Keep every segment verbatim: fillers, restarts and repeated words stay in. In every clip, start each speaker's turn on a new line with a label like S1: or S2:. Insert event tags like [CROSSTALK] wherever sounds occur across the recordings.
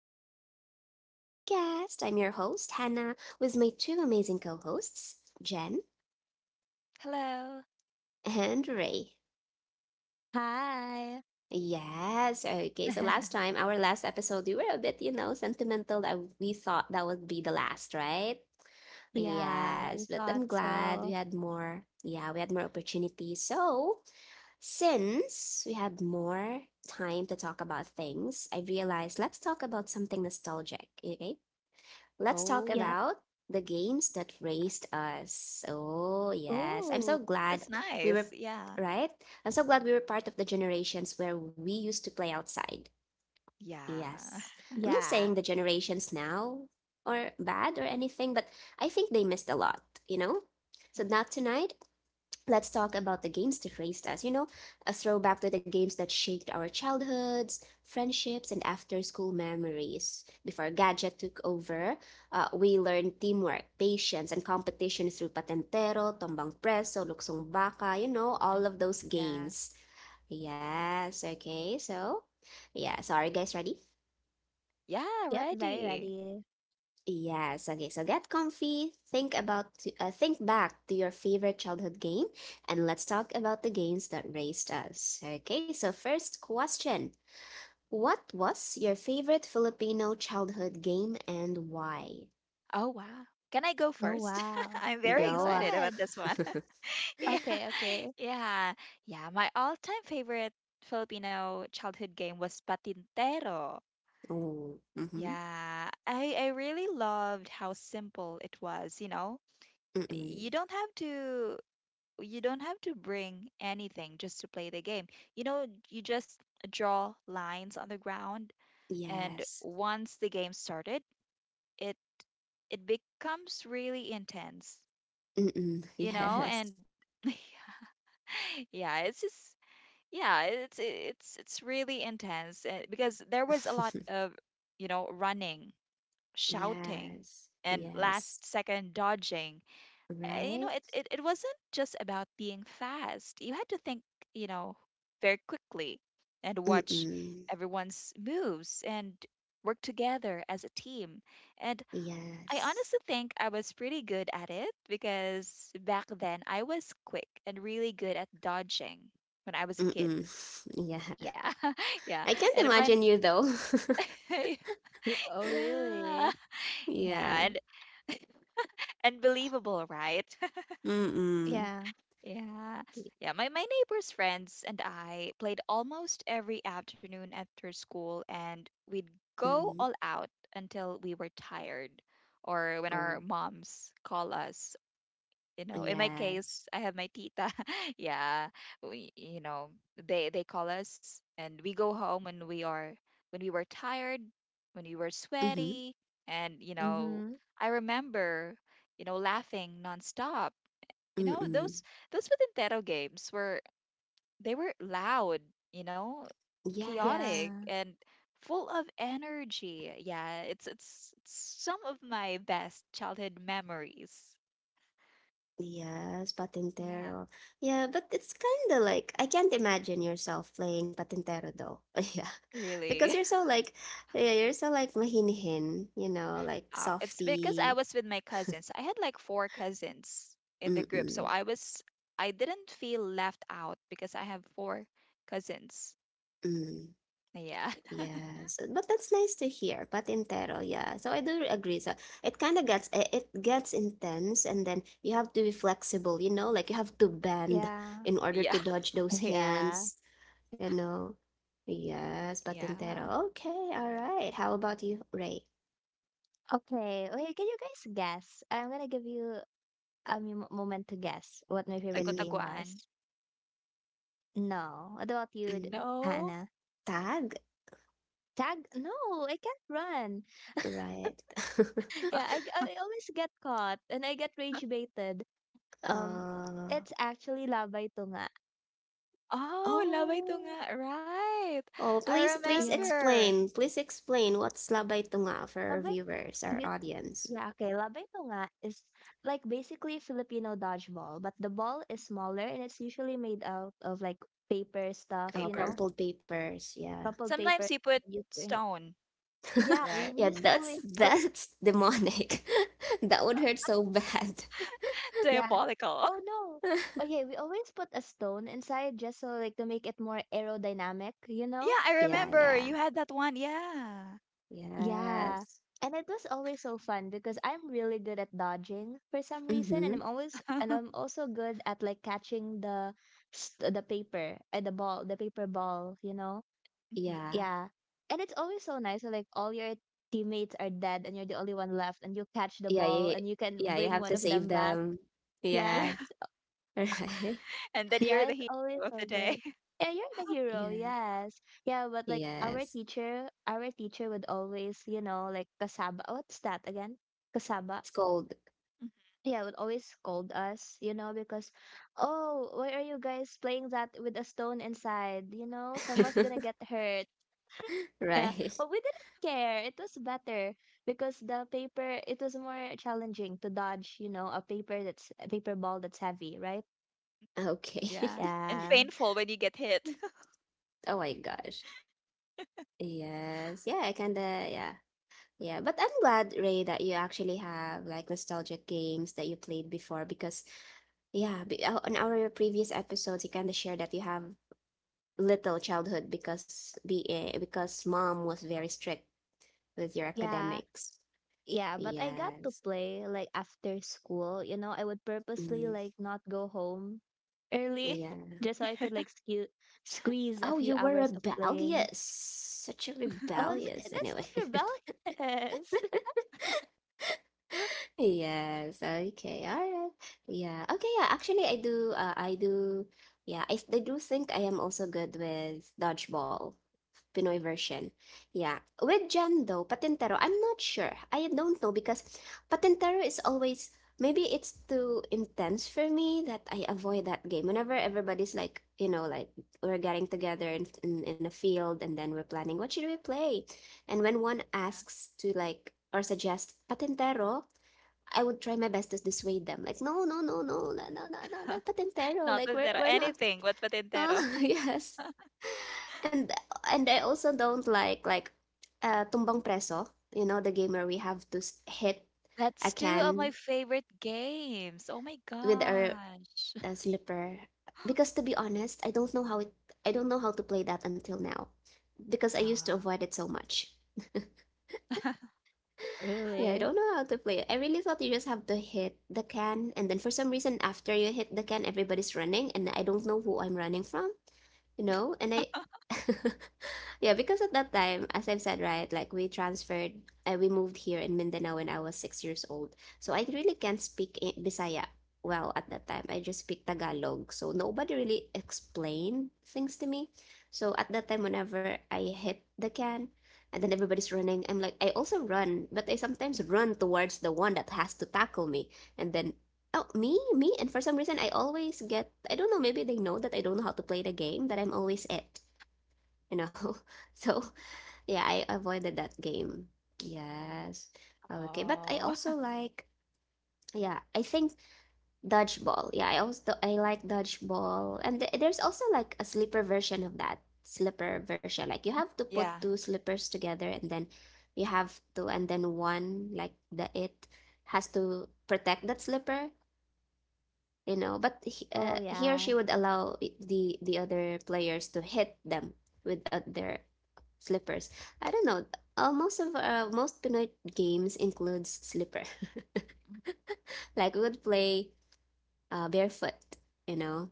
S1: episode of our podcast. I'm your host, Hannah, with my two amazing co hosts, Jen
S2: Hello.
S1: and Ray.
S3: Hi.
S1: Yes, okay. So last
S2: [LAUGHS]
S1: time, our last episode, we were a bit, you know, sentimental that we thought that would be the last, right?
S2: Yeah.
S3: Yeah, we
S1: Yes, but
S3: thought
S1: I'm glad we
S3: so.
S1: had more. Yeah, we had more opportunities. So Since we had more time to talk about things, I realized let's talk about something nostalgic, okay? Let's talk
S3: Yep.
S2: Oh,
S1: about the games that raised us. Oh, yes. I'm so
S3: Ooh.
S1: glad
S2: that's
S1: we
S2: nice.
S1: were,
S2: Yeah.
S1: right? I'm so glad we were part of the generations where we used to play outside.
S2: Yeah.
S1: Yes.
S2: [LAUGHS]
S1: I'm not
S3: Yeah.
S1: saying the generations now are bad or anything, but I think they missed a lot, you know? So now tonight, let's talk about the games that raised us, you know, a throwback to the games that shaped our childhoods, friendships, and after school memories. Before Gadget took over, uh, we learned teamwork, patience, and competition through Patentero, Tombang Preso, Luksong Baka, you know, all of those
S2: Yeah.
S1: games. Yes, okay, so, yeah, sorry guys, ready?
S2: Yeah,
S3: Yep, very
S2: ready.
S3: ready.
S1: Yes, okay. So get comfy, think about to, uh, think back to your favorite childhood game and let's talk about the games that raised us. Okay? So first question. What was your favorite Filipino childhood game and why?
S2: Oh, wow. Can I go
S3: Oh,
S2: first? [LAUGHS]
S3: wow.
S2: I'm very
S3: Sure,
S1: Go.
S3: go
S1: ah.
S2: excited about
S3: ahead.
S2: this one.
S1: [LAUGHS]
S2: [LAUGHS] Yeah.
S3: Okay, okay.
S2: Yeah. Yeah, my all-time favorite Filipino childhood game was Patintero.
S1: Oh. Mhm.
S2: Yeah. I I really loved how simple it was, you know. You
S1: Mm-mm.
S2: don't have to you don't have to bring anything just to play the game. You know, you just draw lines on the ground, and
S1: Yes.
S2: once the game started, it it becomes really intense.
S1: Mm-mm. [LAUGHS]
S2: You know,
S1: Yes.
S2: and [LAUGHS] yeah, it's just yeah, it's it's it's really intense, uh, because there was a lot
S1: [LAUGHS]
S2: of you know running, shouting,
S1: Yes.
S2: and last
S1: Yes.
S2: second dodging uh, you know,
S1: Right?
S2: it, it, it wasn't just about being fast. You had to think, you know, very quickly and watch
S1: Mm-mm.
S2: everyone's moves and work together as a team. And I
S1: Yes.
S2: honestly think I was pretty good at it because back then I was quick and really good at dodging when I was a kid.
S1: Mm-mm. [LAUGHS] Yeah.
S2: Yeah, [LAUGHS] yeah.
S1: I can't
S2: And
S1: imagine
S2: when,
S1: you though. [LAUGHS]
S2: [LAUGHS]
S3: Ye- oh,
S2: yeah,
S3: really?
S2: yeah,
S1: Yeah.
S2: and unbelievable, right? [LAUGHS]
S1: Mm-mm.
S3: Yeah.
S2: Yeah. Yeah. My, my neighbor's friends and I played almost every afternoon after school, and we'd go
S1: Mm.
S2: all out until we were tired or when
S1: Oh,
S2: our moms call us. You know, in my
S1: yes.
S2: case, I have my tita. [LAUGHS] Yeah. We, you know, they, they call us and we go home when we are, when we were tired, when we were
S1: Mm-hmm.
S2: sweaty. And, you know,
S3: Mm-hmm.
S2: I remember, you know, laughing nonstop you know,
S1: Mm-mm.
S2: those those Nintendo games were they were loud, you know,
S1: Yes.
S2: chaotic
S3: Yeah.
S2: and full of energy. Yeah, it's it's, it's some of my best childhood memories.
S1: Yes,
S2: Yeah,
S1: Patintero. Yeah, but it's kind of like I can't imagine yourself playing Patintero though. [LAUGHS] Yeah. Because
S2: really.
S1: you're
S2: [LAUGHS]
S1: so like yeah, you're so like mahinhin, you know, like
S2: Uh, it's because I
S1: softy.
S2: was with my cousins. I had like four cousins in the group, so
S1: Mm-mm.
S2: I was I didn't feel left out because I have four cousins.
S1: Mm.
S2: Yeah. [LAUGHS]
S1: Yes, but that's nice to hear. Patintero, yeah. So I do agree. So it kind of gets it it gets intense, and then you have to be flexible. You know, like you have to bend
S3: Yeah.
S1: in order
S2: Yeah.
S1: to dodge those
S3: [LAUGHS] Yeah.
S1: hands. You know. Yes,
S2: Yeah.
S1: patintero. Okay, all right. How about you, Ray?
S3: Okay. Wait, can you guys guess? I'm gonna give you a mo- moment to guess what my favorite
S1: mm
S3: game
S2: Tago-taguan.
S3: was. No. What about you, D-
S1: mm.
S2: No.
S3: Hannah?
S1: Tag,
S3: Tag? No, I can't run.
S1: right? [LAUGHS]
S3: yeah, I, I always get caught and I get rage baited. Um,
S1: Uh,
S3: it's actually labay tunga.
S2: Oh, laway
S1: oh,
S2: tunga, right.
S1: oh,
S2: I
S1: please, please
S3: Yeah,
S2: remember.
S1: explain. Please explain what's labay tunga for our
S3: labay.
S1: viewers, our
S3: You,
S1: audience.
S3: yeah, okay. Labay tunga is like basically Filipino dodgeball, but the ball is smaller and it's usually made out of like paper stuff,
S1: Oh,
S3: you know,
S2: Paper.
S1: crumpled papers. Yeah.
S3: crumpled paper.
S2: Sometimes you put
S3: You turn it.
S2: stone,
S3: Yeah, we,
S1: [LAUGHS]
S2: right?
S3: we
S1: Yeah,
S3: used to
S1: that's
S3: always put.
S1: that's demonic. [LAUGHS] That would hurt so bad.
S2: [LAUGHS]
S3: Yeah.
S2: Diabolical. [LAUGHS]
S3: Oh no.
S1: [LAUGHS]
S3: Okay, we always put a stone inside just so like to make it more aerodynamic, you know?
S2: Yeah, I
S1: Yeah,
S2: remember.
S1: yeah.
S2: You had that one. Yeah.
S3: Yeah.
S1: Yes.
S3: And it was always so fun because I'm really good at dodging for some reason and
S1: Mm-hmm.
S3: I'm always and I'm
S2: [LAUGHS]
S3: also good at like catching the st- the paper uh, the ball the paper ball, you know?
S2: Mhm.
S1: Yeah.
S3: Yeah. And it's always so nice when, like, all your teammates are dead and you're the only one left and you catch the
S1: Yeah,
S3: ball
S1: you,
S3: and you can
S1: yeah, you
S3: bring
S1: have
S3: one
S1: to
S3: of
S1: save
S3: them back.
S1: them.
S3: Yeah,
S2: Yeah.
S1: Yeah. [LAUGHS] Right.
S2: [LAUGHS] And then you're
S3: yeah,
S2: the
S3: it's
S2: hero
S3: always
S2: of the
S3: so
S2: day.
S3: good.
S2: [LAUGHS]
S3: Yeah, you're the hero,
S1: Yeah.
S3: yes. Yeah, but like our
S1: Yes.
S3: teacher, our teacher would always, you know, like kasaba. Oh, what's that again? Kasaba.
S1: It's cold.
S2: Mhm.
S3: Yeah, would always scold us, you know, because, oh, why are you guys playing that with a stone inside? You know, someone's gonna
S1: [LAUGHS]
S3: get hurt. Yeah,
S1: Right.
S3: but we didn't care. It was better because the paper, it was more challenging to dodge, you know, a paper that's a paper ball that's heavy, right?
S1: Okay.
S2: Yeah. And
S3: Yeah.
S2: painful when you get hit.
S1: [LAUGHS] Oh my gosh. Yes. Yeah, I kinda, yeah. Yeah, but I'm glad, Ray, that you actually have like nostalgic games that you played before because yeah, be- uh, on our previous episodes, you kind of shared that you have little childhood because be eh, because mom was very strict with your
S3: Yeah.
S1: academics.
S3: Yeah, but I got to
S1: Yes.
S3: play like after school. You know, I would purposely
S1: Mm,
S3: like not go home early [LAUGHS]
S1: yeah.
S3: just so I could like
S2: [LAUGHS]
S3: sque- squeeze a
S1: Oh,
S3: few
S1: you were
S3: hours of playing.
S1: rebellious. Such a
S3: Oh,
S1: rebellious.
S3: th- that's
S1: Anyway.
S3: not
S1: [LAUGHS]
S3: rebellious.
S1: Yes, okay. All right. Yeah. Okay, yeah. Actually, I do uh, I do yeah, I, I do think I am also good with dodgeball, Pinoy version. Yeah. With Jan though, Patintero, I'm not sure. I don't know because Patintero is always, maybe it's too intense for me that I avoid that game. Whenever everybody's like, you know, like we're getting together in in, in a field and then we're planning what should we play? And when one
S2: Yeah.
S1: asks to like or suggest Patintero, I would try my best to dissuade them. Like, no, no, no, no, no, no, no, no,
S2: [LAUGHS]
S1: not patentero.
S2: Not
S1: Like, we're
S2: patintero.
S1: we're not.
S2: Anything but
S1: No,
S2: patintero.
S1: [LAUGHS] yes. And and I also don't like like uh tumbang preso. You know, the game where we have to s- hit
S2: [LAUGHS]
S1: a
S2: That's two of my
S1: can
S2: favorite games. Oh my
S1: with our
S2: gosh.
S1: uh, slipper. Because to be honest, I don't know how it. I don't know how to play that until now, because I used to
S2: Uh,
S1: avoid it so much.
S2: [LAUGHS]
S3: [LAUGHS]
S1: Yeah, I don't
S3: Really?
S1: know how to play it. I really thought you just have to hit the can, and then for some reason, after you hit the can, everybody's running, and I don't know who I'm running from, you know? And I [LAUGHS] yeah, because at that time, as I've said, right, like we transferred and we moved here in Mindanao when I was six years old. So I really can't speak I- Bisaya well at that time. I just speak Tagalog. So nobody really explained things to me. So at that time, whenever I hit the can and then everybody's running, I'm like, I also run, but I sometimes run towards the one that has to tackle me. And then, oh, me, me. And for some reason, I always get, I don't know, maybe they know that I don't know how to play the game, that I'm always it, you know? [LAUGHS] So yeah, I avoided that game. Yes. Okay, but I
S2: oh.
S1: also
S2: [LAUGHS]
S1: like, yeah, I think dodgeball. Yeah, I also I like dodgeball. And th- there's also like a slipper version of that. Slipper version. Like you have to put
S2: Yeah.
S1: two slippers together and then you have to and then one like the it has to protect that slipper, you know, but he,
S3: Oh,
S1: uh, he or she
S3: yeah.
S1: would allow i- the the other players to hit them with uh, their slippers. I don't know. Uh, most of uh, most Pinoy games includes slipper. [LAUGHS] Like we would play uh, barefoot, you know?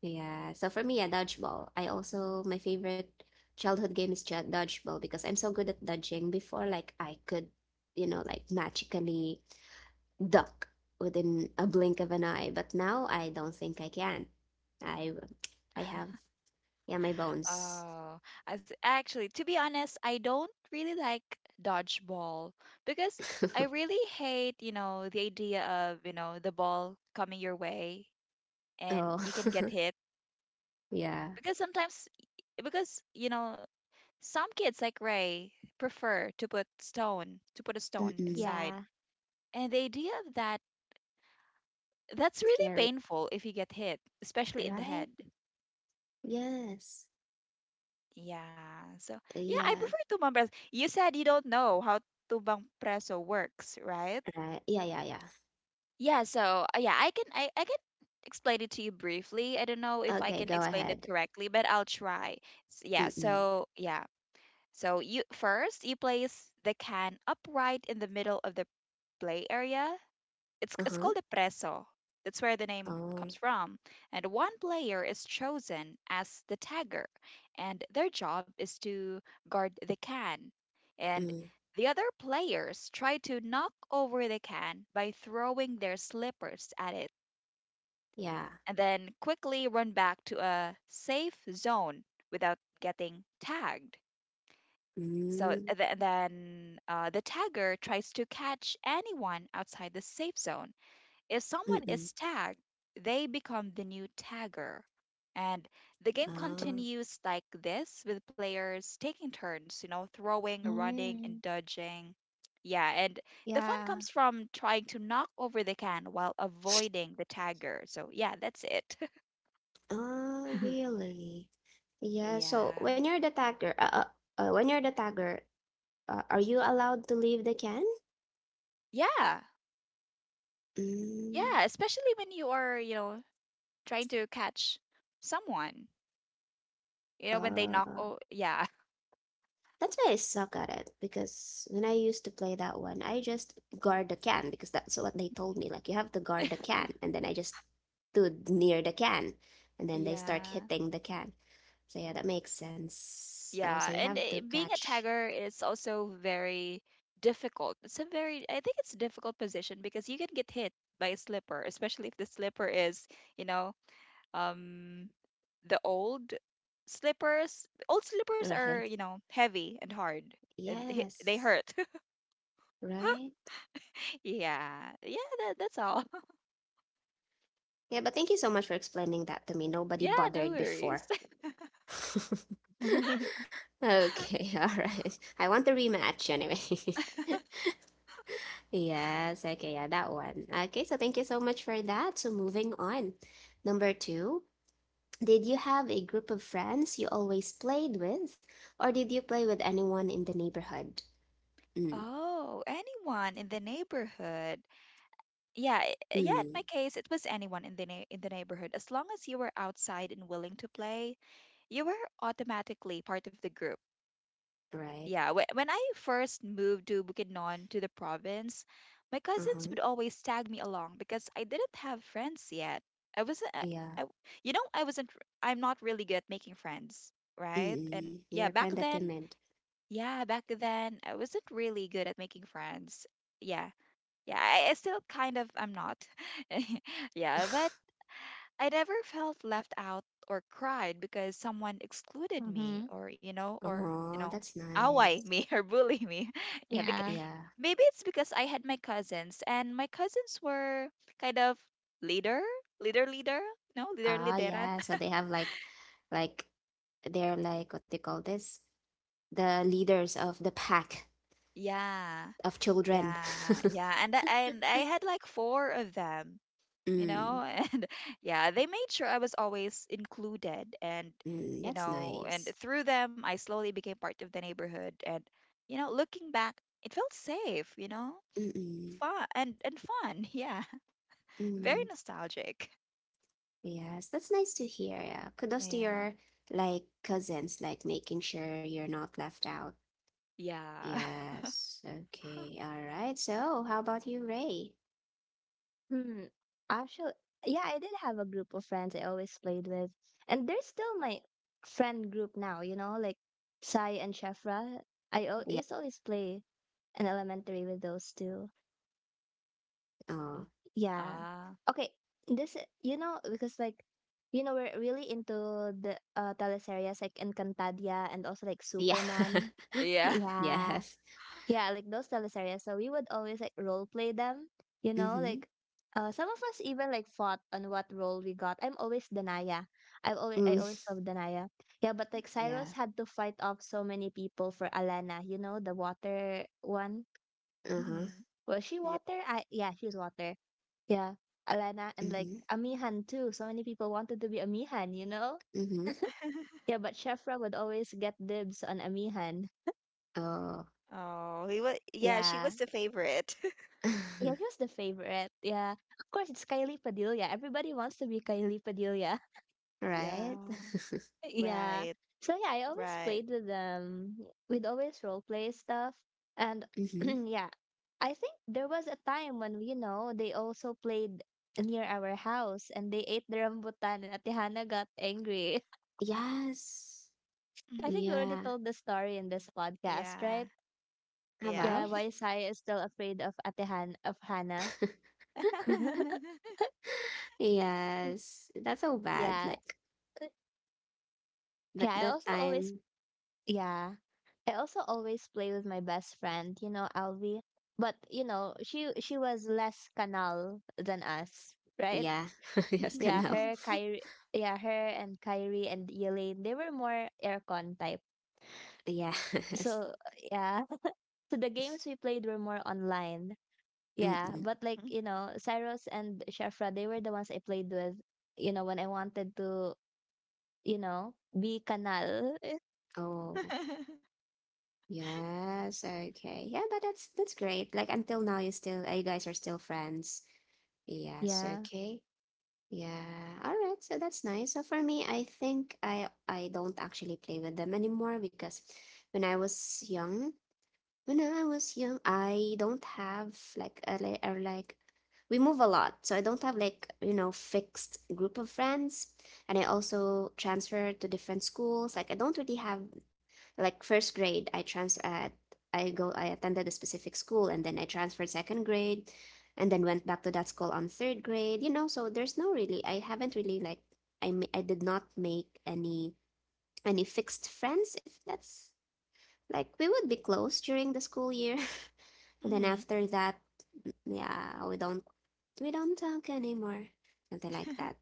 S1: Yeah. So for me, yeah, dodgeball. I also, my favorite childhood game is ju- dodgeball because I'm so good at dodging before, like I could, you know, like magically duck within a blink of an eye. But now I don't think I can. I, I have, yeah, my bones.
S2: Oh, as actually, to be honest, I don't really like dodgeball because I
S1: [LAUGHS]
S2: really hate, you know, the idea of, you know, the ball coming your way and
S1: Oh,
S2: you can get hit.
S1: [LAUGHS] yeah.
S2: Because sometimes, because, you know, some kids like Ray prefer to put stone, to put a stone
S1: Mm-mm.
S2: inside.
S3: Yeah.
S2: And the idea of that, that's really
S1: Scary.
S2: painful if you get hit, especially in the
S1: Right?
S2: head.
S1: Yes.
S2: Yeah. So, yeah, I
S1: Yeah,
S2: prefer tumbang preso. You said you don't know how tumbang preso works, right?
S1: right. Yeah, yeah, yeah.
S2: Yeah, so uh, yeah, I can I, I can explain it to you briefly. I don't know if I
S1: Okay,
S2: can
S1: go
S2: explain it
S1: ahead.
S2: correctly, but I'll try. S- yeah,
S1: Mm-mm.
S2: so yeah. So you first you place the can upright in the middle of the play area it's it's
S1: Uh-huh.
S2: called the preso. That's where the name comes
S1: Oh,
S2: from. And one player is chosen as the tagger, and their job is to guard the can. And
S1: mm,
S2: the other players try to knock over the can by throwing their slippers at it,
S1: yeah.
S2: and then quickly run back to a safe zone without getting tagged. So
S1: Mm,
S2: th- then uh, the tagger tries to catch anyone outside the safe zone, If someone is
S1: mm-mm.
S2: tagged, they become the new tagger. And the game
S1: Oh,
S2: continues like this with players taking turns, you know, throwing, running,
S3: Mm,
S2: and dodging. Yeah, and the fun
S3: yeah.
S2: comes from trying to knock over the can while avoiding the tagger. So, yeah, that's it. [LAUGHS]
S1: oh,
S3: [LAUGHS]
S1: really? Yeah, so
S2: Yeah.
S1: when you're the tagger, uh, uh, uh, when you're the tagger, uh, are you allowed to leave the can?
S2: Yeah.
S1: Mm,
S2: Yeah, especially when you are, you know, trying to catch someone, you know, when they knock,
S1: uh,
S2: oh, yeah.
S1: That's why I suck at it because when I used to play that one, I just guard the can because that's what they told me. Like you have to guard the
S2: [LAUGHS]
S1: can, and then I just stood near the can, and then they start
S2: Yeah.
S1: hitting the can. So yeah, that makes sense. Oh, so
S2: Yeah,
S1: you
S2: and
S1: have to
S2: eh, being a
S1: catch,
S2: tagger is also very difficult. It's a very, I think it's a difficult position because you can get hit by a slipper, especially if the slipper is, you know, um, the old slippers. Old
S1: [LAUGHS]
S2: slippers are,
S1: right?
S2: you know, heavy and hard, and hit, they
S1: Yes,
S2: hurt.
S1: right.
S2: [LAUGHS] Yeah, yeah, that, that's all. [LAUGHS]
S1: Yeah, but thank you so much for explaining that to me. Nobody
S2: Yeah, no
S1: bothered before.
S2: worries.
S1: [LAUGHS]
S2: [LAUGHS]
S1: Okay, all right. I want the rematch anyway. [LAUGHS] Yes, okay, yeah, that one. Okay, so thank you so much for that. So moving on. Number two, did you have a group of friends you always played with, or did you play with anyone in the neighborhood? Mm,
S2: Oh, anyone in the neighborhood. Yeah, i- yeah, in my
S1: mm,
S2: case, it was anyone in the nei- in the neighborhood. As long as you were outside and willing to play, you were automatically part of the group.
S1: right.
S2: Yeah, wh- when I first moved to Bukidnon to the province, my cousins would
S1: Uh-huh.
S2: always tag me along because I didn't have friends yet. I wasn't, I,
S1: Yeah.
S2: I- you know, I wasn't, r- I'm not really good at making friends, right? And
S1: Mm-mm.
S2: yeah,
S1: You're
S2: back
S1: kind of
S2: then,
S1: timid.
S2: yeah, back then, I wasn't really good at making friends. Yeah, yeah, I, I still kind of am not. [LAUGHS] Yeah, but
S1: [LAUGHS]
S2: I never felt left out or cried because someone excluded me
S3: Mm-hmm.
S2: or, you know, or, you
S1: Oh,
S2: know,
S1: that's
S2: away
S1: nice.
S2: me [LAUGHS] or bully me. [LAUGHS] Yeah, because
S3: Yeah.
S1: Yeah.
S2: maybe it's because I had my cousins and my cousins were kind of leader, leader, leader, no, leader,
S1: Ah,
S2: lideran.
S1: yeah. So
S2: [LAUGHS]
S1: they have like, like they're like what they call this, the leaders of the pack
S2: Yeah,
S1: of children.
S2: yeah, yeah.
S1: [LAUGHS]
S2: And I, and I had like four of them. you
S1: Mm.
S2: know [LAUGHS] and yeah, they made sure I was always included, and
S1: Mm,
S2: you
S1: that's
S2: know and
S1: nice.
S2: through them I slowly became part of the neighborhood, and you know looking back, it felt safe, you know
S1: Mm-mm.
S2: fun, and and fun. [LAUGHS] Yeah, very
S1: Mm.
S2: nostalgic.
S1: Yes, that's nice to hear. Yeah. Kudos to
S2: Yeah
S1: your like cousins, like making sure you're not left out.
S2: yeah. [LAUGHS]
S1: Yes. Okay. All right. So, how about you, Ray?
S3: Hmm. Actually, yeah, I did have a group of friends I always played with, and they're still my friend group now. You know, like Sai and Shefra. I al- I
S1: Yeah.
S3: used to always play in elementary with those two.
S2: Mhm.
S1: Oh,
S3: Yeah.
S2: Ah,
S3: Okay. This i- you know, because like, you know, we're really into the uh teleseries like Encantadia and also like
S1: yeah.
S3: Superman.
S1: [LAUGHS]
S2: yeah.
S3: Yeah.
S1: Yes.
S3: Yeah, like those teleserye. So we would always like role play them, you know,
S1: Mm-hmm.
S3: like uh some of us even like fought on what role we got. I'm always Danaya. I've always I always
S1: Mm.
S3: love Danaya. Yeah, but like Cyrus
S1: Yeah.
S3: had to fight off so many people for Alana, you know, the water one.
S2: [LAUGHS]
S1: Uh-huh.
S2: Hmm,
S3: Was she
S2: yeah.
S3: water? I Yeah, she's water. Yeah. Alana and like
S1: Mm-hmm.
S3: Amihan too. So many people wanted to be Amihan, you know?
S1: Mm-hmm.
S2: [LAUGHS]
S3: Yeah, but Shefra would always get dibs on Amihan.
S1: Oh.
S2: Oh, he was, yeah, she
S3: Yeah.
S2: was the favorite. [LAUGHS]
S3: Yeah, she
S1: [LAUGHS]
S3: was the favorite. Yeah. Of course, it's Kylie Padilla. Everybody wants to be Kylie Padilla. [LAUGHS]
S1: Right.
S2: Yeah,
S1: [LAUGHS]
S3: Yeah.
S2: right,
S3: So yeah, I always
S2: right.
S3: played with um with always role play stuff. And
S1: Mm-hmm.
S3: [CLEARS THROAT] yeah, I think there was a time when, you know, they also played near our house and they ate the rambutan and Atihana got angry.
S1: Yes.
S3: [LAUGHS] I
S2: Hmm,
S3: think we already
S1: Yeah.
S3: told the story in this podcast,
S2: yeah,
S3: right?
S1: Have
S2: yeah.
S3: Yeah,
S1: I?
S3: why Saya is still afraid of Atihan of Hannah.
S1: [LAUGHS]
S3: [LAUGHS]
S2: [LAUGHS]
S1: Yes, that's so bad.
S3: Yeah.
S1: Like, but
S3: Yeah, I
S1: that
S3: also always.
S1: time,
S3: Yeah. I also always play with my best friend, you know, Alvi. But you know, she she was less canal than us, right?
S1: yeah, [LAUGHS] yes,
S3: Yeah,
S1: genau.
S3: her Kyrie yeah, her and Kyrie and Elaine, they were more aircon type.
S1: Yes.
S3: So yeah. [LAUGHS] So the games we played were more online.
S1: [LAUGHS]
S3: Yeah.
S1: Mm-mm.
S3: But like, you know, Cyrus and Shafra, they were the ones I played with, you know, when I wanted to, you know, be canal. [LAUGHS]
S1: Oh, yes. Okay. Yeah, but that's that's great. Like until now, you still, uh, you guys are still friends. Yes.
S3: Yeah.
S1: Okay. Yeah. All right. So that's nice. So for me, I think I I don't actually play with them anymore because when I was young. When I was young, I don't have like a li- or like we move a lot, so I don't have like, you know, fixed group of friends. And I also transfer to different schools. Like I don't really have like first grade, I trans at I go I attended a specific school and then I transferred second grade and then went back to that school on third grade, you know, so there's no really I haven't really like I ma- I did not make any any fixed friends if that's like we would be close during the school year and then
S2: Mm-hmm.
S1: after that, yeah, we don't we don't talk anymore, something like that.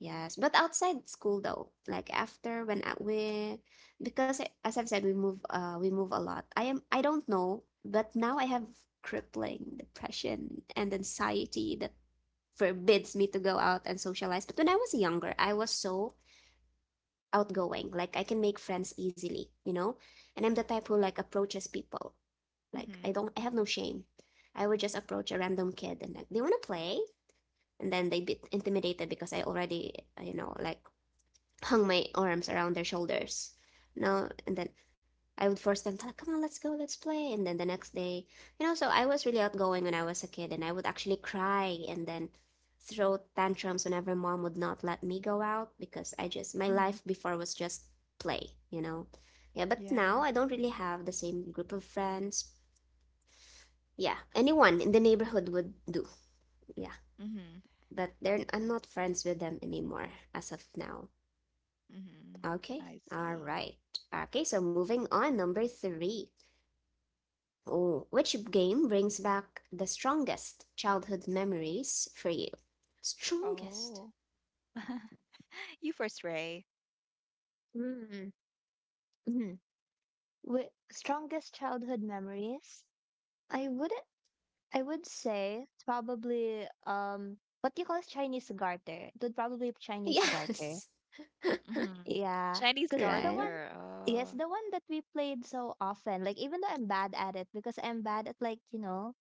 S1: Yes, but outside school though, like after when I- we, because I- as I've said, we move uh we move a lot. I am I don't know, but now I have crippling depression and anxiety that forbids me to go out and socialize. But when I was younger, I was so outgoing, like I can make friends easily, you know, and I'm the type who like approaches people like I
S2: Hmm,
S1: don't I have no shame. I would just approach a random kid and like, "Do you want to play?" And then they'd be intimidated because I already, you know, like hung my arms around their shoulders. No, and then I would force them to like, "Come on, let's go, let's play." And then the next day, you know, so I was really outgoing when I was a kid and I would actually cry and then throw tantrums whenever mom would not let me go out because I just my
S2: hmm.
S1: life before was just play, you know. Yeah, but
S2: Yeah.
S1: now I don't really have the same group of friends, yeah, anyone in the neighborhood would do. Yeah,
S2: Hmm,
S1: but they're I'm not friends with them anymore as of now.
S2: hmm.
S1: Okay,
S2: I
S1: all
S2: see.
S1: right. Okay, so moving on, number three. Oh, which game brings back the strongest childhood memories for you? Strongest?
S2: Oh. [LAUGHS] You first, Ray.
S3: Mm. Wi Strongest childhood memories? I would I would say it's probably um what do you call it? Chinese garter. It would probably be Chinese garter.
S1: Yes,
S2: Mm-hmm.
S3: Yeah,
S2: Chinese
S1: [LAUGHS]
S3: because it's the
S1: right?
S3: one.
S2: garter.
S3: Yes,
S2: Oh.
S3: the one that we played so often. Like, even though I'm bad at it because I'm bad at, like, you know,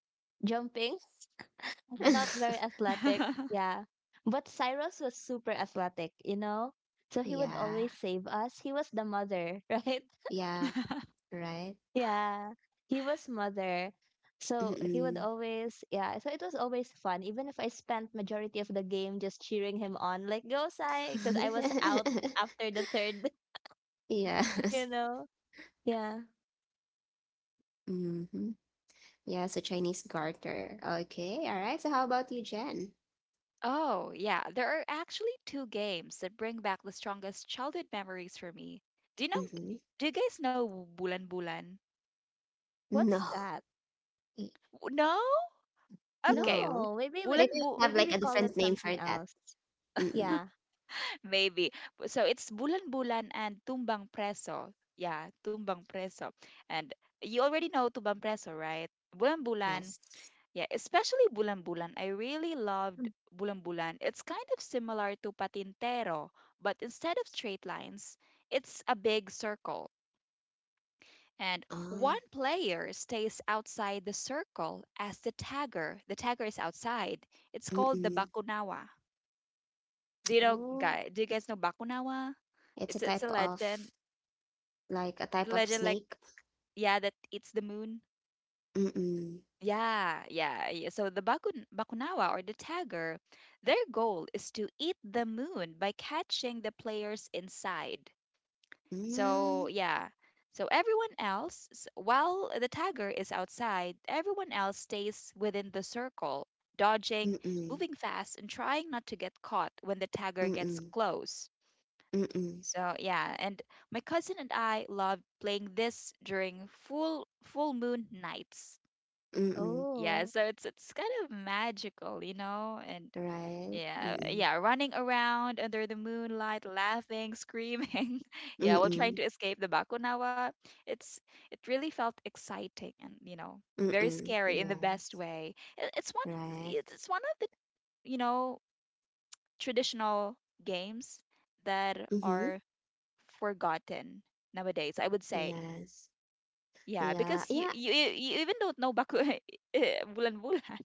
S3: jumping. [LAUGHS] I'm not very
S1: [LAUGHS]
S3: athletic.
S2: Mm-hmm.
S3: Yeah, but Cyrus was super athletic. You know, so he would
S1: Yeah,
S3: always save us. He was the mother, [LAUGHS] right?
S1: yeah,
S2: [LAUGHS]
S1: right?
S3: Yeah, he was mother. So he would
S1: Mm-mm.
S3: always, yeah, so it was always fun, even if I spent majority of the game just cheering him on, like, go Sai, because I was out after the third,
S1: [LAUGHS]
S3: [LAUGHS] you
S1: Yes.
S3: know? Yeah.
S1: Hmm. Yes, a Chinese garter. Okay, all right. So how about you, Jen?
S2: Oh, yeah. There are actually two games that bring back the strongest childhood memories for me. Do you know?
S1: Mm-hmm.
S2: Do you guys know Bulan Bulan?
S1: No,
S3: What's that? Mm,
S2: W- No? Okay.
S1: no.
S3: no, maybe we,
S2: Bulan
S1: Maybe we have
S3: maybe
S1: like
S3: we
S1: a
S3: call it
S1: different name
S3: something
S1: for that.
S3: else.
S1: Mm-mm.
S3: Yeah.
S2: Maybe. Bu- So it's Bulan-Bulan and Tumbang Preso. Yeah, Tumbang Preso. And you already know Tumbang Preso, right? Bulan-Bulan.
S1: Yes.
S2: Yeah, especially Bulan-Bulan. I really loved
S3: Mm.
S2: Bulan-Bulan. It's kind of similar to Patintero, but instead of straight lines, it's a big circle. And
S1: Oh,
S2: one player stays outside the circle as the tagger. The tagger is outside. It's called the
S1: mm-mm.
S2: Bakunawa. Do you know,
S1: Oh,
S2: guy? Do you guys know Bakunawa?
S1: it's a
S2: It's it's
S1: type
S2: a legend.
S1: of like a
S2: The
S1: type of
S2: legend, like,
S1: snake.
S2: yeah, that eats the moon.
S1: Mm-mm.
S2: Yeah, yeah, yeah. So the Bakun Bakunawa or the tagger, their goal is to eat the moon by catching the players inside. So
S1: Mm,
S2: yeah. So everyone else, s- while the tagger is outside, everyone else stays within the circle, dodging,
S1: mm-mm.
S2: moving fast, and trying not to get caught when the tagger gets
S1: Mm-mm.
S2: close.
S1: Mm-mm.
S2: So yeah, and my cousin and I love playing this during full full moon nights.
S1: Mm-mm.
S2: Yeah,
S3: Oh,
S2: so it's it's kind of magical, you know, and
S1: Right.
S2: yeah,
S1: Mm-mm.
S2: yeah, running around under the moonlight, laughing, screaming, [LAUGHS] yeah, while trying
S1: Mm-mm.
S2: to escape the Bakunawa. It's it really felt exciting, and you know very
S1: Mm-mm.
S2: scary in the
S1: Yeah.
S2: best way. It, it's one of it's
S1: Right.
S2: it's one of the you know traditional games that
S1: Mm-hmm.
S2: are forgotten nowadays. I would say,
S1: Yes.
S2: yeah,
S1: Yeah.
S2: because you
S1: Yeah.
S2: you, you you even don't know baku [LAUGHS] eh, bulan bulan.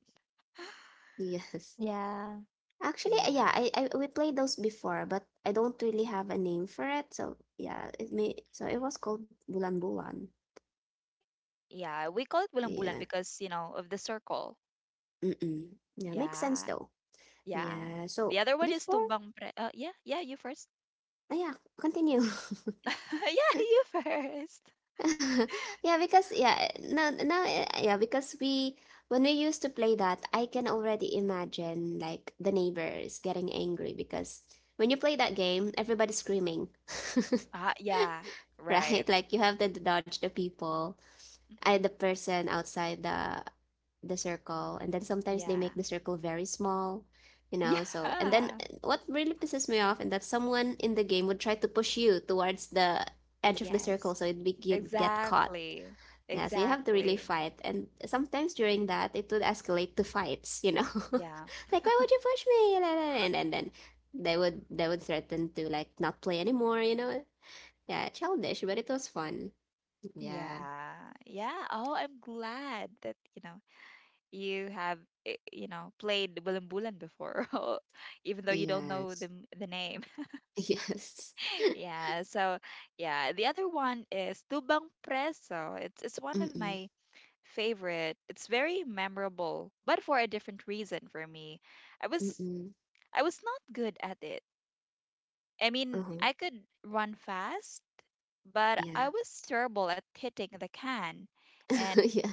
S2: [LAUGHS]
S1: [LAUGHS] Yes.
S3: yeah.
S1: Actually, uh, yeah,
S2: Yeah,
S1: I, I we played those before, but I don't really have a name for it. So yeah, it may so it was called Bulan Bulan.
S2: yeah, we call it bulan bulan
S1: Yeah.
S2: because you know of the circle.
S1: Mm-mm. Yeah, makes sense
S2: Yeah,
S1: though.
S2: yeah.
S1: Yeah.
S2: The
S1: So
S2: other one is
S1: before,
S2: tumbang pre. Uh, yeah, yeah. You first.
S1: uh, yeah, continue. [LAUGHS]
S2: [LAUGHS] Yeah, you first.
S1: Yeah, because yeah, now now uh, yeah, because we when we used to play that, I can already imagine like the neighbors getting angry because when you play that game, everybody's screaming. [LAUGHS]
S2: Ah, yeah, right.
S1: Right? Like you have to dodge the people. I
S2: Mhm.
S1: The person outside the the circle, and then sometimes they
S2: Yeah,
S1: make the circle very small, you
S2: [LAUGHS]
S1: know so and then,
S2: yeah.
S1: uh, what really pisses me off and that someone in the game would try to push you towards the edge of the circle, so
S2: Yes,
S1: it'd be you'd get caught.
S2: exactly,
S1: Yeah, so you have to really
S2: exactly.
S1: fight, and sometimes during that it would escalate to fights, you know [LAUGHS]
S2: Yeah.
S1: like why would you push me. And then, and then they would they would threaten to like not play anymore, you know yeah. Childish, but it was fun. Yeah.
S2: Yeah. Yeah. Oh, I'm glad that, you know, you have, eh, you know, played Bulan bulan before. [LAUGHS] Oh, even though you don't know the
S1: Yes.
S2: m- the name.
S1: Yes.
S2: [LAUGHS]
S1: [LAUGHS]
S2: Yeah. So, yeah, the other one is Tubang Preso. It's it's one of
S1: Mm-mm.
S2: my favorite. It's very memorable, but for a different reason for me. I was
S1: Mm-mm.
S2: I was not good at it. I mean,
S1: Uh-huh.
S2: I could run fast, but I
S1: Yeah.
S2: was terrible at hitting the can.
S1: [LAUGHS]
S2: And
S1: Yeah.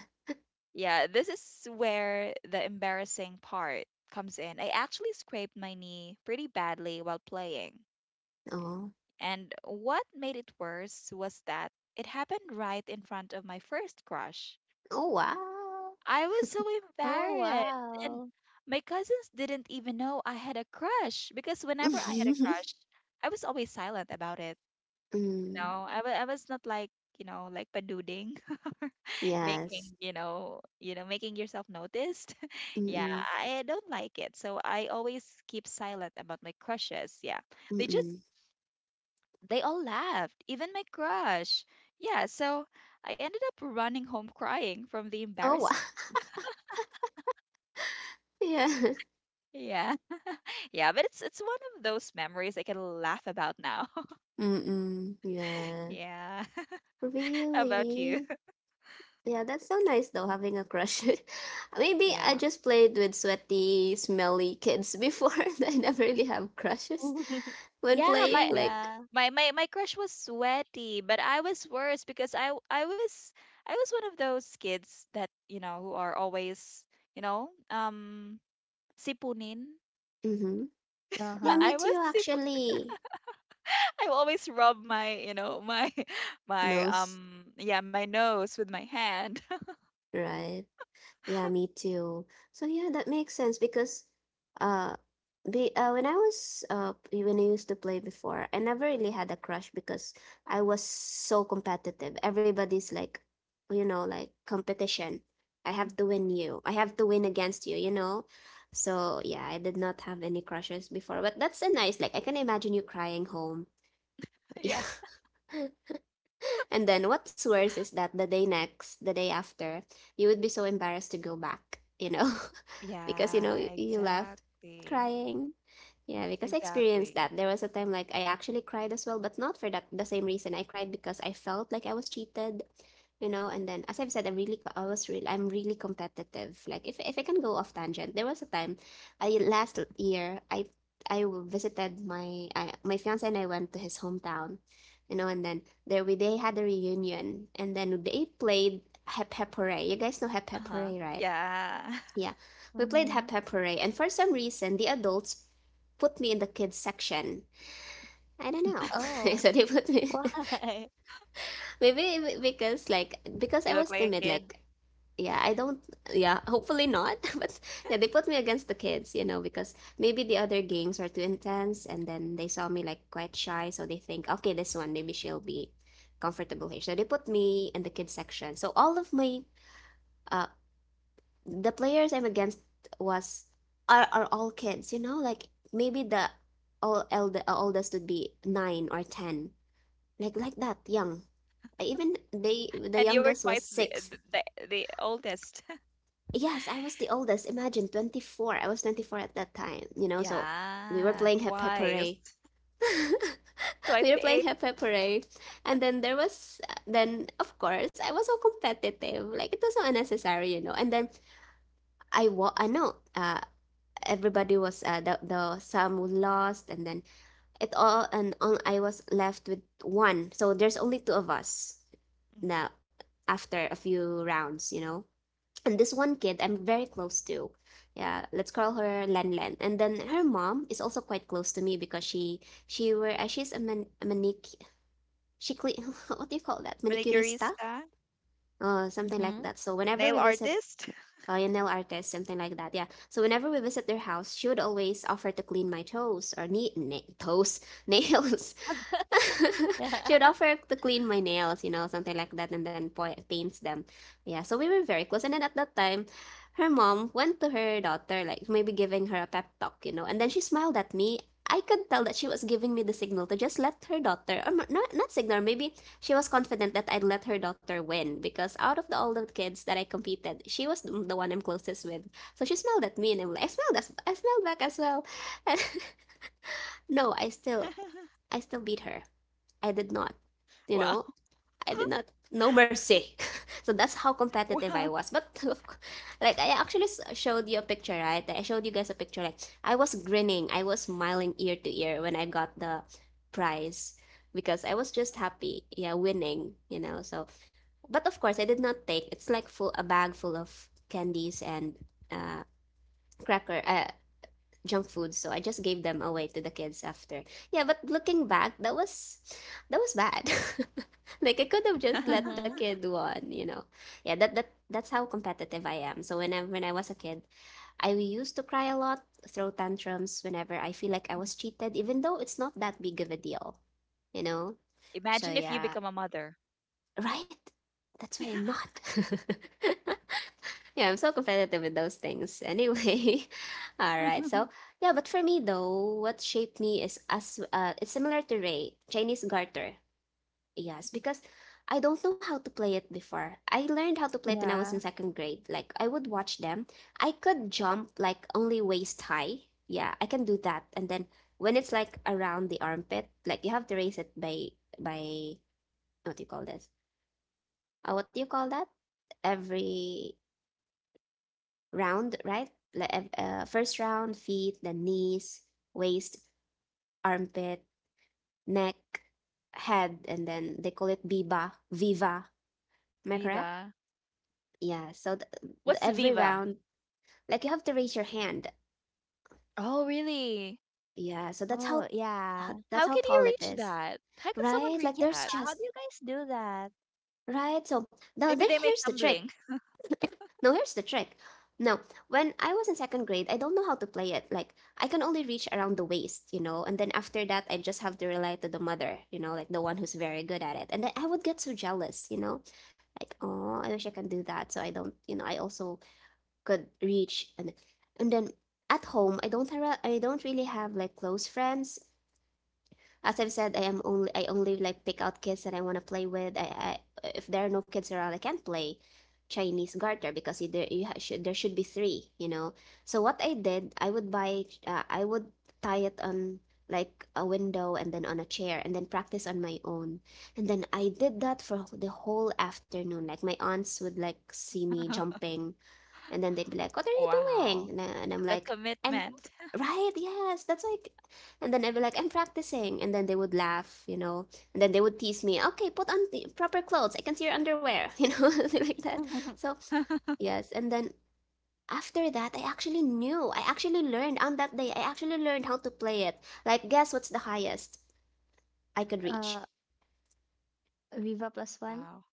S2: Yeah, this is where the embarrassing part comes in. I actually scraped my knee pretty badly while playing.
S1: Oh.
S2: And what made it worse was that it happened right in front of my first crush.
S1: Oh, wow.
S2: I was so
S3: Oh,
S2: embarrassed. And
S3: wow.
S2: my cousins didn't even know I had a crush because whenever I had a
S1: [LAUGHS]
S2: crush, I was always silent about it. You
S1: Mm.
S2: know, I, wa- I was not like, you know, like paduding. [LAUGHS]
S1: Yes.
S2: making you know you know making yourself noticed. [LAUGHS] Yeah,
S1: Mm-mm.
S2: I don't like it, so I always keep silent about my crushes. Yeah, they just
S1: Mm-mm.
S2: they all laughed, even my crush. Yeah, so I ended up running home crying from the
S1: Oh, wow.
S2: embarrassment.
S1: [LAUGHS] Yeah.
S2: Yeah. [LAUGHS] Yeah, but it's it's one of those memories I can laugh about now.
S1: Mm-mm.
S2: [LAUGHS]
S1: Yeah.
S2: Yeah. [LAUGHS] How about you?
S1: Really? Yeah, that's so nice though, having a crush. [LAUGHS] Maybe I
S2: [LAUGHS] Yeah,
S1: just played with sweaty, smelly kids before. [LAUGHS] I never really have crushes
S3: [LAUGHS]
S1: when
S2: yeah, my
S1: playing. Like,
S3: Yeah.
S2: my my my crush was sweaty, but I was worse because I w- I was I was one of those kids that you know who are always you know um sipunin.
S1: mm-hmm, yeah,
S2: [LAUGHS]
S3: Uh-huh.
S1: me
S2: I was
S1: too,
S2: sip.
S1: actually.
S2: [LAUGHS] I always rub my you know my [LAUGHS] my
S1: Nose,
S2: um yeah my nose with my hand. [LAUGHS]
S1: right? Yeah, me too. So yeah, that makes sense, because uh be uh when I was uh p- when I used to play before, I never really had a crush, because I was so competitive. Everybody's like, you know, like competition. I have
S2: Mhm.
S1: to win you. I have to win against you, you know? So yeah, I did not have any crushes before, but that's a nice, like, I can imagine you crying home.
S2: Yeah.
S1: [LAUGHS] And then what's worse is that the day next, the day after, you would be so embarrassed to go back, you know, [LAUGHS] because you
S2: Yeah,
S1: know you, you left
S2: exactly.
S1: crying. Yeah, because I
S2: Exactly.
S1: experienced that. There was a time like I actually cried as well, but not for that the same reason. I cried because I felt like I was cheated, you know. And then, as I've said, I'm really, co- I was real. I'm really competitive. Like, if if I can go off tangent, there was a time, I last year, I I visited my I, my fiance and I went to his hometown, you know. And then there we they had a reunion, and then they played Hep Hep Hooray. You guys know Hep
S2: Uh
S1: Hep
S2: huh.
S1: Hooray, right?
S2: Yeah.
S1: Yeah, we played
S3: Mm-hmm.
S1: Hep Hep Hooray, and for some reason the adults put me in the kids section. I don't know.
S2: [LAUGHS]
S1: [LAUGHS]
S3: Oh,
S1: So they put me.
S3: why? [LAUGHS]
S1: [LAUGHS] Maybe because, like, because I
S2: You look
S1: was
S2: like a
S1: timid,
S2: kid,
S1: like, yeah, I don't yeah, hopefully not, [LAUGHS] but yeah, they put me against the kids, you know, because maybe the other games are too intense and then they saw me like quite shy, so they think, okay, this one maybe she'll be comfortable here. So they put me in the kids section. So all of my, uh the players I'm against was are are all kids, you know, like maybe the all elder uh, oldest would be nine or ten, like like that young. Even they the
S2: and you were
S1: youngest was
S2: twice the
S1: six.
S2: the, the the oldest.
S1: Yes, I was the oldest. Imagine twenty four. I was twenty four at that time, you know. So we were
S2: Yeah,
S1: playing Hep Hep
S2: twice.
S1: Hooray.
S2: [LAUGHS]
S1: [LAUGHS]
S2: Twice
S1: We were
S2: the
S1: playing
S2: age.
S1: Hep Hep Hooray, and then there was then of course I was so competitive. Like, it was so unnecessary, you know. And then, I wa I know uh everybody was, uh, the the some who lost, and then it all and all I was left with one. So there's only two of us
S2: Mhm.
S1: now after a few rounds, you know. And this one kid I'm very close to. Yeah, let's call her Len Len. And then her mom is also quite close to me, because she she were uh, she's a man a manic, she cle- [LAUGHS] what do you call that, manicurista,
S2: Manicurista,
S1: uh something like
S3: Mm-hmm.
S1: that. So whenever we
S2: nail
S1: visit,
S2: artist.
S1: uh, nail artist, something like that. Yeah. So whenever we visit their house, she would always offer to clean my toes or knee, na- toes, [LAUGHS] nails. [LAUGHS]
S3: [LAUGHS]
S1: She
S3: Yeah.
S1: would offer to clean my nails, you know, something like that, and then paints them. Yeah, so we were very close. And then at that time, her mom went to her daughter, like maybe giving her a pep talk, you know, and then she smiled at me. I could tell that she was giving me the signal to just let her daughter, or not, not signal, maybe she was confident that I'd let her daughter win, because out of the, all the kids that I competed, she was the one I'm closest with. So she smiled at me, and I'm like, I smiled, I smiled back as well. [LAUGHS] No, I still,
S2: [LAUGHS]
S1: I still beat her. I did not.
S2: Wow.
S1: You know,
S2: [LAUGHS]
S1: I did not. No mercy. [LAUGHS] So that's how
S2: Wow.
S1: competitive I was. But [LAUGHS] like, I actually showed you a picture, right? I showed you guys a picture. Like, I was grinning, I was smiling ear to ear when I got the prize, because I was just happy, yeah, winning. You know, so, but of course I did not take. It's like full a bag full of candies and, uh cracker, uh, junk food. So I just gave them away to the kids after. Yeah, but looking back, that was that was bad. [LAUGHS] Like, I could have just let
S2: [LAUGHS]
S1: the
S3: Mm-hmm.
S1: kid won, you know yeah. That that that's how competitive I am. So when i when i was a kid, I used to cry a lot, throw tantrums whenever I feel like I was cheated, even though it's not that big of a deal you know
S2: Imagine
S1: so
S2: if you become
S1: yeah,
S2: a mother.
S1: right, that's why I'm not. [LAUGHS] Yeah, I'm so competitive with those things anyway. [LAUGHS] All right.
S2: [LAUGHS]
S1: So, yeah, but for me though, what shaped me is, as uh it's similar to Ray, Chinese garter. Yes, because I don't know how to play it before. I learned how to play it when I was in
S3: Yeah.
S1: second grade. Like, I would watch them. I could jump like only waist high. Yeah, I can do that. And then when it's like around the armpit, like you have to raise it by by what do you call this? Uh, what do you call that? Every round, right? Like, uh, uh, first round, feet, then knees, waist, armpit, neck, head, and then they call it viva viva. Am I correct?
S2: Viva.
S1: Yeah. So the th-
S2: What's
S1: every
S2: Viva?
S1: round, like, you have to raise your hand.
S2: Oh, really?
S1: Yeah. So that's
S3: Oh,
S1: how uh,
S3: yeah.
S1: that's
S2: How
S1: how
S2: can you
S1: tall it
S2: reach
S1: is,
S2: that? How could someone
S1: right? Like
S2: reach
S3: Yeah.
S1: there's
S2: that?
S3: How do
S1: just
S3: you guys do that?
S1: right. So now there
S2: Maybe they make
S1: here's the trick.
S2: tumbling.
S1: Now here's the trick. Now, when I was in second grade, I don't know how to play it. Like, I can only reach around the waist, you know? And then after that, I just have to rely to the mother, you know, like the one who's very good at it. And then I would get so jealous, you know? Like, oh, I wish I can do that. So I don't, you know, I also could reach. And, and then at home, I don't, have, I don't really have like close friends. As I've said, I am only I only like pick out kids that I want to play with. I, I if there are no kids around, I can't play Chinese garter because either you should there should be three, you know. So what I did, I would buy, uh, I would tie it on like a window and then on a chair and then practice on my own. And then I did that for the whole afternoon. Like my aunts would like see me
S2: [LAUGHS]
S1: jumping and then they'd be like, "What are you doing?"
S2: Wow.
S1: And, I, and I'm
S2: The
S1: like, "I'm
S2: commitment.
S1: right. Yes, that's like." And then I'd be like, "I'm practicing." And then they would laugh, you know. And then they would tease me, "Okay, put on the proper clothes. I can see your underwear," you know, [LAUGHS] like that. So
S3: [LAUGHS]
S2: [LAUGHS]
S1: yes, and then after that, I actually knew. I actually learned on that day. I actually learned how to play it. Like, guess what's the highest I could reach?
S3: Uh, Viva plus one?
S2: Wow.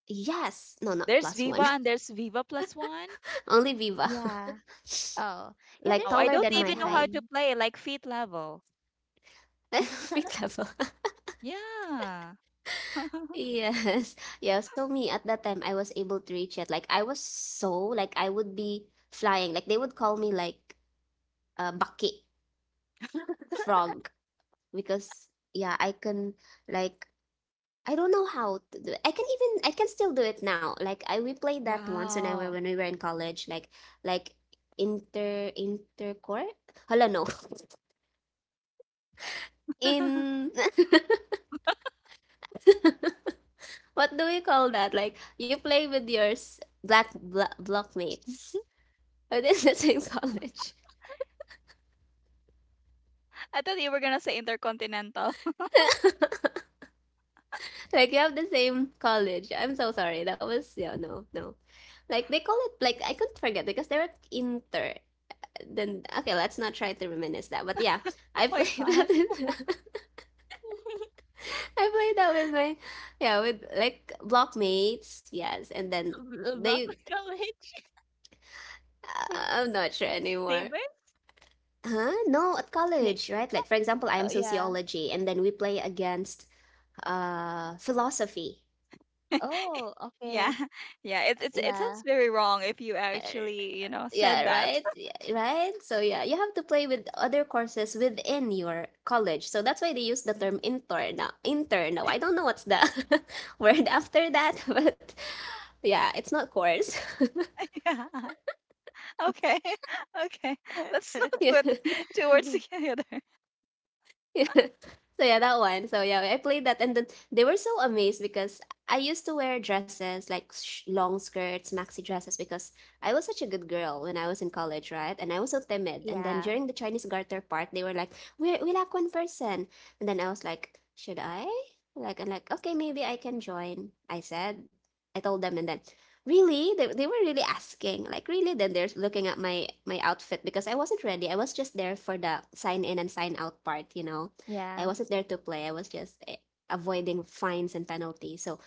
S1: Yes, no, not
S2: There's
S1: plus one.
S2: Viva and there's Viva plus one.
S1: [LAUGHS] Only Viva,
S3: Yeah. Oh,
S1: [LAUGHS]
S3: yeah,
S1: like
S3: there's
S2: Oh, I
S1: taller
S3: Viva
S2: don't
S1: than
S3: plus
S1: my
S2: even know how
S1: height.
S2: to
S3: one.
S2: play, like feet level.
S1: [LAUGHS]
S3: [LAUGHS]
S1: Feet
S3: [LAUGHS]
S1: level.
S2: Yeah. [LAUGHS]
S1: Yes. [LAUGHS] Yeah. So me at that time I was able to reach it. Like I was so like I would be flying. Like they would call me like a bucket frog because yeah, I can like I don't know how to do it. I can even I can still do it now. Like I we played that once when I were
S2: Wow.
S1: when we were in college, like like inter intercore? Hala no. [LAUGHS]
S2: [LAUGHS]
S1: In [LAUGHS] what do we call that? Like you play with your s- black bla- blockmates. Within the same college.
S2: I thought you were gonna say intercontinental. [LAUGHS]
S1: [LAUGHS] Like you have the same college. I'm so sorry. That was yeah, no, no. Like they call it like I couldn't forget because they were inter. Then okay, let's not try to reminisce that. But yeah,
S2: Oh
S1: I [LAUGHS]
S2: my
S1: played that.
S2: gosh.
S1: With, [LAUGHS] I played that with my yeah with like blockmates. Yes, and then
S3: Bl- Block
S1: they.
S3: of college?
S1: uh,
S3: [LAUGHS]
S1: I'm not sure anymore.
S3: Neighbor?
S1: Huh? No, at
S3: Ne
S1: college, right? Like for example,
S3: oh,
S1: I'm
S3: yeah.
S1: sociology, and then we play against uh philosophy.
S2: [LAUGHS]
S3: Oh,
S2: Yeah.
S3: okay.
S2: Yeah. It it's it sounds
S3: Yeah.
S2: very wrong if you
S1: Uh,
S2: actually, you know,
S1: Yeah,
S2: said that.
S1: right? Yeah, right? So yeah, you have to play with other courses within your college. So that's why they use the term
S2: [LAUGHS]
S1: intern now. Intern now. I don't know what's the [LAUGHS] word after that, [LAUGHS] but yeah, it's not course. [LAUGHS]
S2: Yeah. Okay. [LAUGHS] Okay. Let's not
S1: Yeah.
S3: [LAUGHS]
S2: put [LAUGHS] two words together.
S1: [LAUGHS] So yeah, that one. So yeah, I played that, and then they were so amazed because I used to wear dresses like sh- long skirts, maxi dresses, because I was such a good girl when I was in college, right? And I was so timid. And then
S3: Yeah.
S1: during the Chinese Garter part, they were like, "We we lack one person," and then I was like, "Should I?" Like I'm like, "Okay, maybe I can join." I said, I told them, and then really? They they were really asking. Like really? Then they're looking at my my outfit because I wasn't ready. I was just there for the sign in and sign out part, you know. I
S3: Yeah.
S1: wasn't there to play. I was just eh, avoiding fines and penalties. So,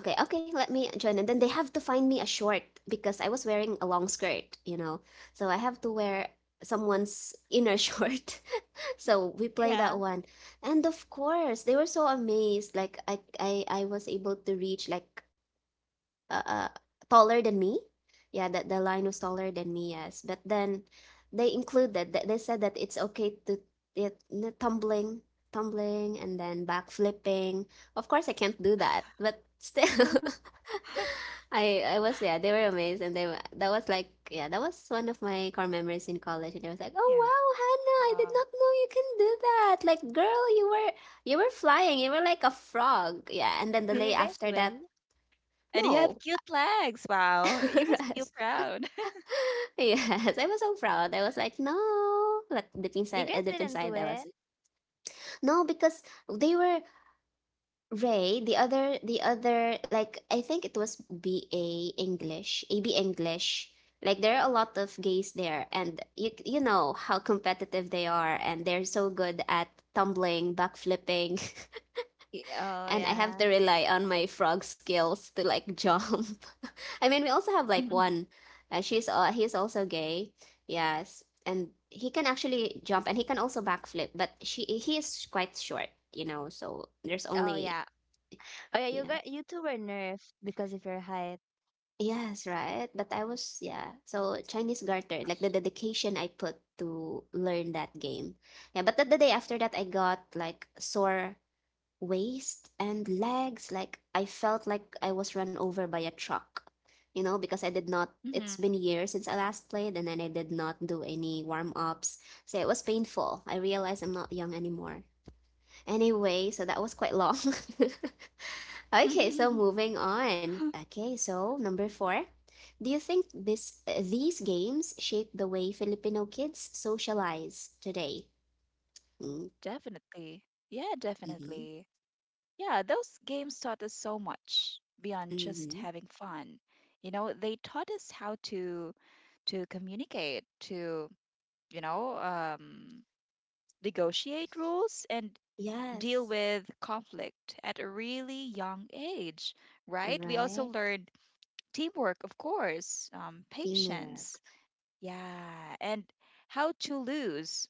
S1: okay, okay, let me join. And then they have to find me a short because I was wearing a long skirt, you know. So I have to wear someone's inner [LAUGHS] short. So we play
S3: Yeah.
S1: that one. And of course, they were so amazed. Like I I I was able to reach like uh, uh, taller than me. Yeah, that the line was taller than me, yes. But then they included that they said that it's okay to it tumbling, tumbling, and then back flipping. Of course, I can't do that, but still,
S2: [LAUGHS]
S1: [LAUGHS] I I was yeah. They were amazed, and they were- that was like yeah, that was one of my core memories in college, and they was like, oh
S2: Yeah.
S1: wow, Hannah, I did
S2: Wow.
S1: not know you can do that. Like, girl, you were you were flying, you were like a frog, yeah. And then the
S3: Did you
S1: day
S3: guys
S1: after
S3: win?
S1: that.
S2: And you
S1: No,
S2: have cute legs. Wow. You must feel
S1: correct. [LAUGHS]
S2: proud.
S1: Yes, I was so proud. I was like, no, but deep
S3: You
S1: inside, uh,
S3: guys
S1: deep
S3: didn't
S1: inside, I was
S3: win?
S1: no because they were Ray. The other, the other, like I think it was B A English, A B English. Like there are a lot of gays there, and you you know how competitive they are, and they're so good at tumbling, backflipping, [LAUGHS]
S3: Y- Oh,
S1: and I have
S3: yeah.
S1: to rely on my frog skills to like jump. [LAUGHS] I mean, we also have like
S2: [LAUGHS]
S1: one. Uh, she's uh, he's also gay. Yes, and he can actually jump and he can also backflip, but she he is quite short, you know. So there's
S3: Oh,
S1: only
S3: yeah. Oh, yeah, you
S1: yeah.
S3: got you two were nerfed because of your height.
S1: Yes, right. But I was yeah. So Chinese garter, like the dedication I put to learn that game. Yeah, but the, the day after that I got like sore waist and legs. Like I felt like I was run over by a truck, you know, because I did not.
S2: Mhm.
S1: It's been years since I last played, and then I did not do any warm ups. So it was painful. I realized I'm not young anymore. Anyway, so that was quite long. [LAUGHS] Okay, so
S2: Mhm.
S1: moving
S2: [LAUGHS]
S1: on. Okay, so number four. Do you think this uh, these games shape the way Filipino kids socialize today?
S2: Definitely. Yeah,
S1: Mm-hmm.
S2: definitely. Yeah, those games taught us so much beyond just
S1: Mm-hmm.
S2: having fun. You know, they taught us how to to communicate, to, you know, um, negotiate rules and deal
S1: Yes.
S2: with conflict at a really young age, right? We also
S1: Right.
S2: learned teamwork, of course, um, patience,
S1: Teamwork.
S2: yeah, and how to lose.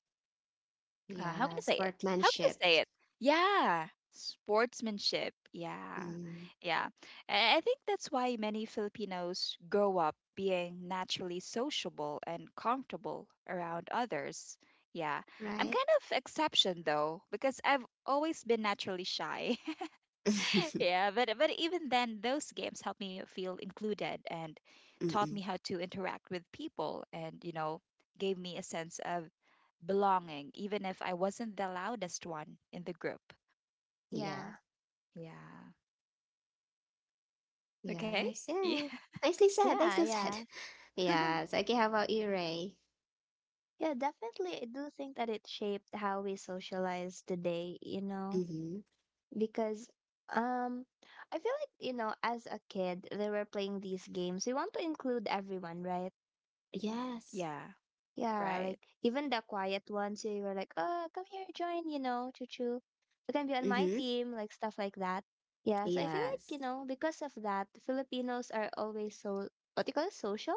S2: Uh, how can
S1: Yeah,
S2: I say it? How can I
S1: sportsmanship.
S2: say it? Yeah, sportsmanship, yeah,
S1: Mm,
S2: yeah. I I think that's why many Filipinos grow up being naturally sociable and comfortable around others. Yeah, I'm
S1: right?
S2: kind of exception though because I've always been naturally shy. [LAUGHS]
S1: [LAUGHS] Mm-mm.
S2: Yeah, but but even then, those games helped me feel included and taught me how to interact with people, and you know, gave me a sense of belonging, even if I wasn't the loudest one in the group.
S1: Yeah.
S3: Yeah.
S2: Yeah. Okay.
S1: Yes.
S2: Yeah.
S1: Yeah. Nicely said.
S3: Yeah,
S1: Nicely said. [LAUGHS]
S3: yeah.
S1: Yes.
S2: [LAUGHS]
S1: Okay, how about you, Ray?
S3: Yeah, definitely. I do think that it shaped how we socialize today, you know,
S1: Mm-hmm.
S3: because um I feel like, you know, as a kid, they were playing these games. We want to include everyone, right?
S2: Yeah.
S1: Yes.
S2: Right.
S3: Yeah, like even the quiet ones, you were like, "Oh, come here, join, you know, choo choo. You can be on my
S1: Mm-hmm.
S3: team," like stuff like that. Yeah, so I feel like,
S1: Yes.
S3: you know, because of that, Filipinos are always so what do you call it, social,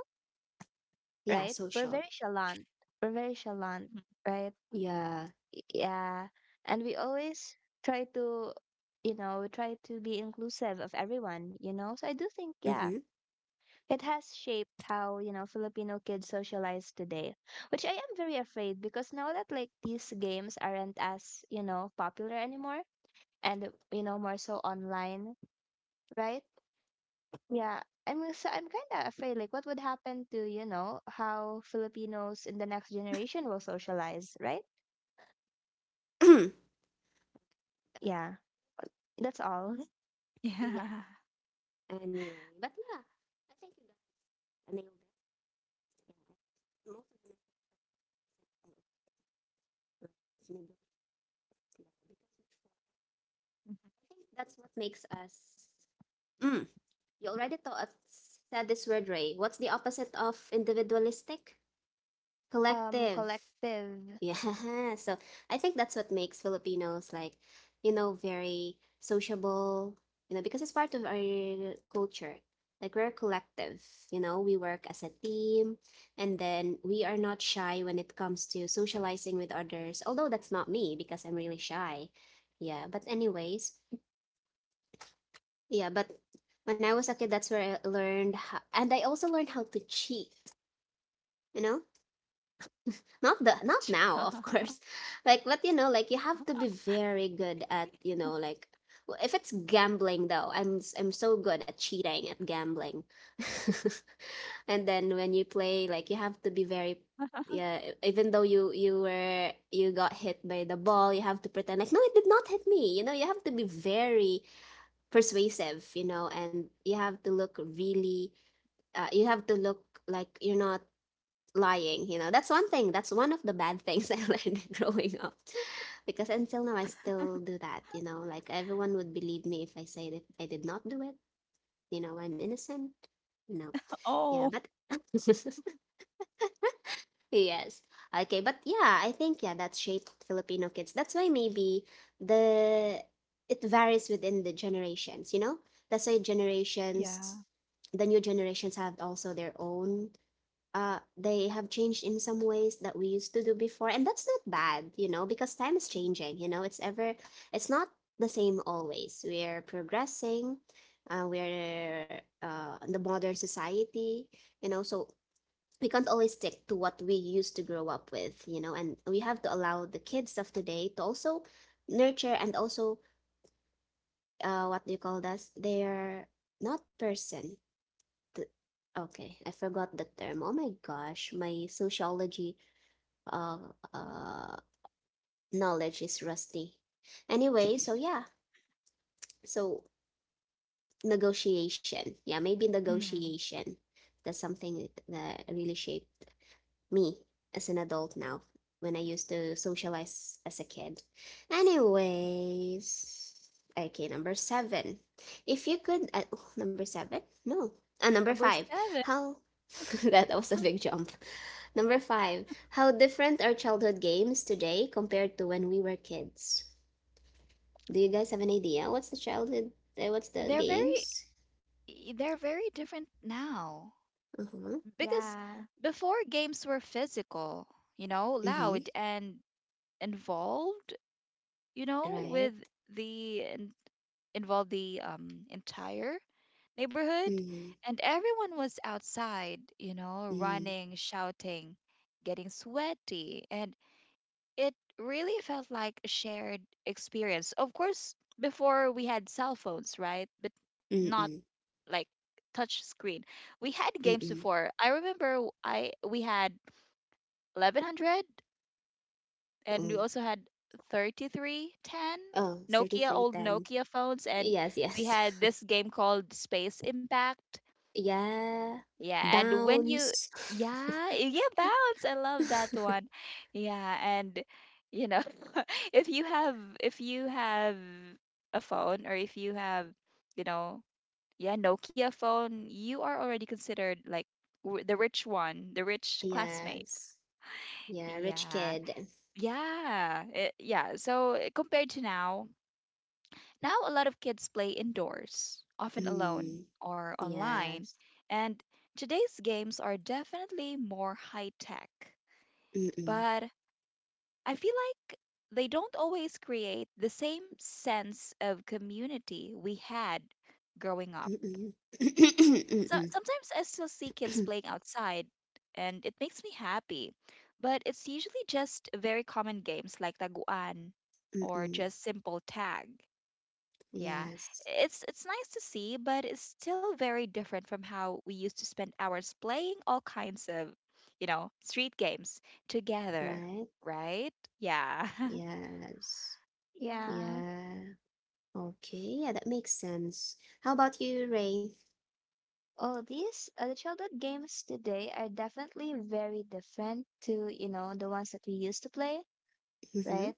S1: Yeah,
S3: right? We're
S1: social.
S3: very chalant. We're very
S2: Mhm.
S3: chalant, right?
S1: Yeah.
S3: Yeah, and we always try to, you know, try to be inclusive of everyone, you know, so I do think, yeah,
S1: Mm-hmm.
S3: it has shaped how, you know, Filipino kids socialize today, which I am very afraid because now that like these games aren't as, you know, popular anymore, and you know, more so online, right? Yeah, i'm so i'm kind of afraid like what would happen to, you know, how Filipinos in the next generation will socialize, right?
S1: [CLEARS THROAT] Okay.
S3: Yeah, that's all.
S1: Yeah.
S2: Yeah.
S1: Anyway, but yeah, I think you guys nailed it. Yeah. Most of the time, it's negotiable, because I think that's what makes us mm. You already taught said this word, Ray. What's the opposite of individualistic?
S3: Um
S1: Collective.
S3: collective.
S1: Yeah. [LAUGHS] So I think that's what makes Filipinos like, you know, very sociable, you know, because it's part of our culture. Like we're collective, you know, we work as a team and then we are not shy when it comes to socializing with others. Although that's not me because I'm really shy. Yeah, but anyways, yeah, but when I was a kid, that's where I learned, how, and I also learned how to cheat. You know,
S2: [LAUGHS] Chai.
S1: not the not now, of course. [LAUGHS] Like, but you know, like you have to be very good at you know, like w- if it's gambling though, I'm s- I'm so good at cheating at gambling. [LAUGHS] And then when you play, like you have to be very yeah e- even though you you were you got hit by the ball you have to pretend like no it did not hit me, you know, you have to be very persuasive, you know, and you have to look really uh, you have to look like you're not lying, you know. That's one thing, that's one of the bad things [LAUGHS] I learned growing up because until now I still do that, you know, like everyone would believe me if I say that I did not do it, you know, I'm innocent,
S2: Oh.
S1: you know. Yeah but [LAUGHS] yes. Okay, but yeah, I think yeah, that shaped Filipino kids. That's why maybe the it varies within the generations, you know? That's why
S2: Yeah.
S1: generations the new generations have also their own uh they have changed in some ways that we used to do before and that's not bad, you know, because time is changing, you know. It's ever it's not the same always. We're progressing. Uh, we're uh, in the modern society, you know, so we can't always stick to what we used to grow up with, you know, and we have to allow the kids of today to also nurture and also uh what do you call that? They're not person. th- Okay, I forgot the term. Oh my gosh, my sociology uh uh knowledge is rusty. Anyway, so yeah, so negotiation. Yeah, maybe
S2: Mhm.
S1: negotiation. That's something that really shaped me as an adult now when I used to socialize as a kid. Anyways, okay, number seven. If you could, uh, oh, number seven? No, uh, number
S2: Number
S1: five.
S2: seven.
S1: How [LAUGHS] that was a big jump. Number five. How different are childhood games today compared to when we were kids? Do you guys have an idea? What's the childhood? Uh, what's the
S2: They're very
S1: games?
S2: they're very different now.
S1: Uh huh.
S2: Because
S3: Yeah.
S2: before games were physical, you know,
S1: Mhm.
S2: loud and involved, you know, with
S1: Right.
S2: the in- involved the um entire neighborhood
S1: Mhm.
S2: and everyone was outside, you know,
S1: Mm.
S2: running, shouting, getting sweaty and it really felt like a shared experience. Of course, before we had cell phones, right? But
S1: Mm.
S2: not
S1: Mm.
S2: like touch screen. We had games
S1: Mm.
S2: before. I remember w- I we had eleven hundred and we
S1: Mm.
S2: also had thirty three ten
S1: Oh, thirty
S2: Nokia
S1: three
S2: old
S1: ten.
S2: Nokia phones and
S1: Yes,
S2: we
S1: yes.
S2: had
S1: [LAUGHS]
S2: this game called Space Impact,
S1: Yeah.
S2: yeah. And when you
S1: Bounce.
S2: yeah yeah Bounce, I love that one.
S1: [LAUGHS]
S2: Yeah. And you know, [LAUGHS] if you have if you have a phone or if you have, you know, yeah, Nokia phone, you are already considered like w- the rich one, the rich classmate.
S1: Yes. Yeah, rich
S2: Yeah.
S1: kid.
S2: Yeah, it, yeah. So uh, compared to now, now a lot of kids play indoors, often alone
S1: Mm.
S2: or online,
S1: Yes.
S2: and today's games are definitely more high tech.
S1: Mm-mm.
S2: But I feel like they don't always create the same sense of community we had growing up.
S1: Mm-mm. [CLEARS THROAT]
S2: So
S1: Mm-mm.
S2: sometimes I still see kids playing
S1: [CLEARS THROAT]
S2: outside, and it makes me happy. But it's usually just very common games like taguan or
S1: Mm-mm.
S2: just simple tag. Yeah,
S1: Yes.
S2: it's it's nice to see, but it's still very different from how we used to spend hours playing all kinds of, you know, street games together,
S1: Right?
S2: right? Yeah. [LAUGHS]
S1: Yes.
S3: Yeah,
S1: Yeah. Okay. Yeah, that makes sense. How about you, Ray?
S3: all these uh, the childhood games today are definitely very different to, you know, the ones that we used to play,
S1: Mm-hmm.
S3: right?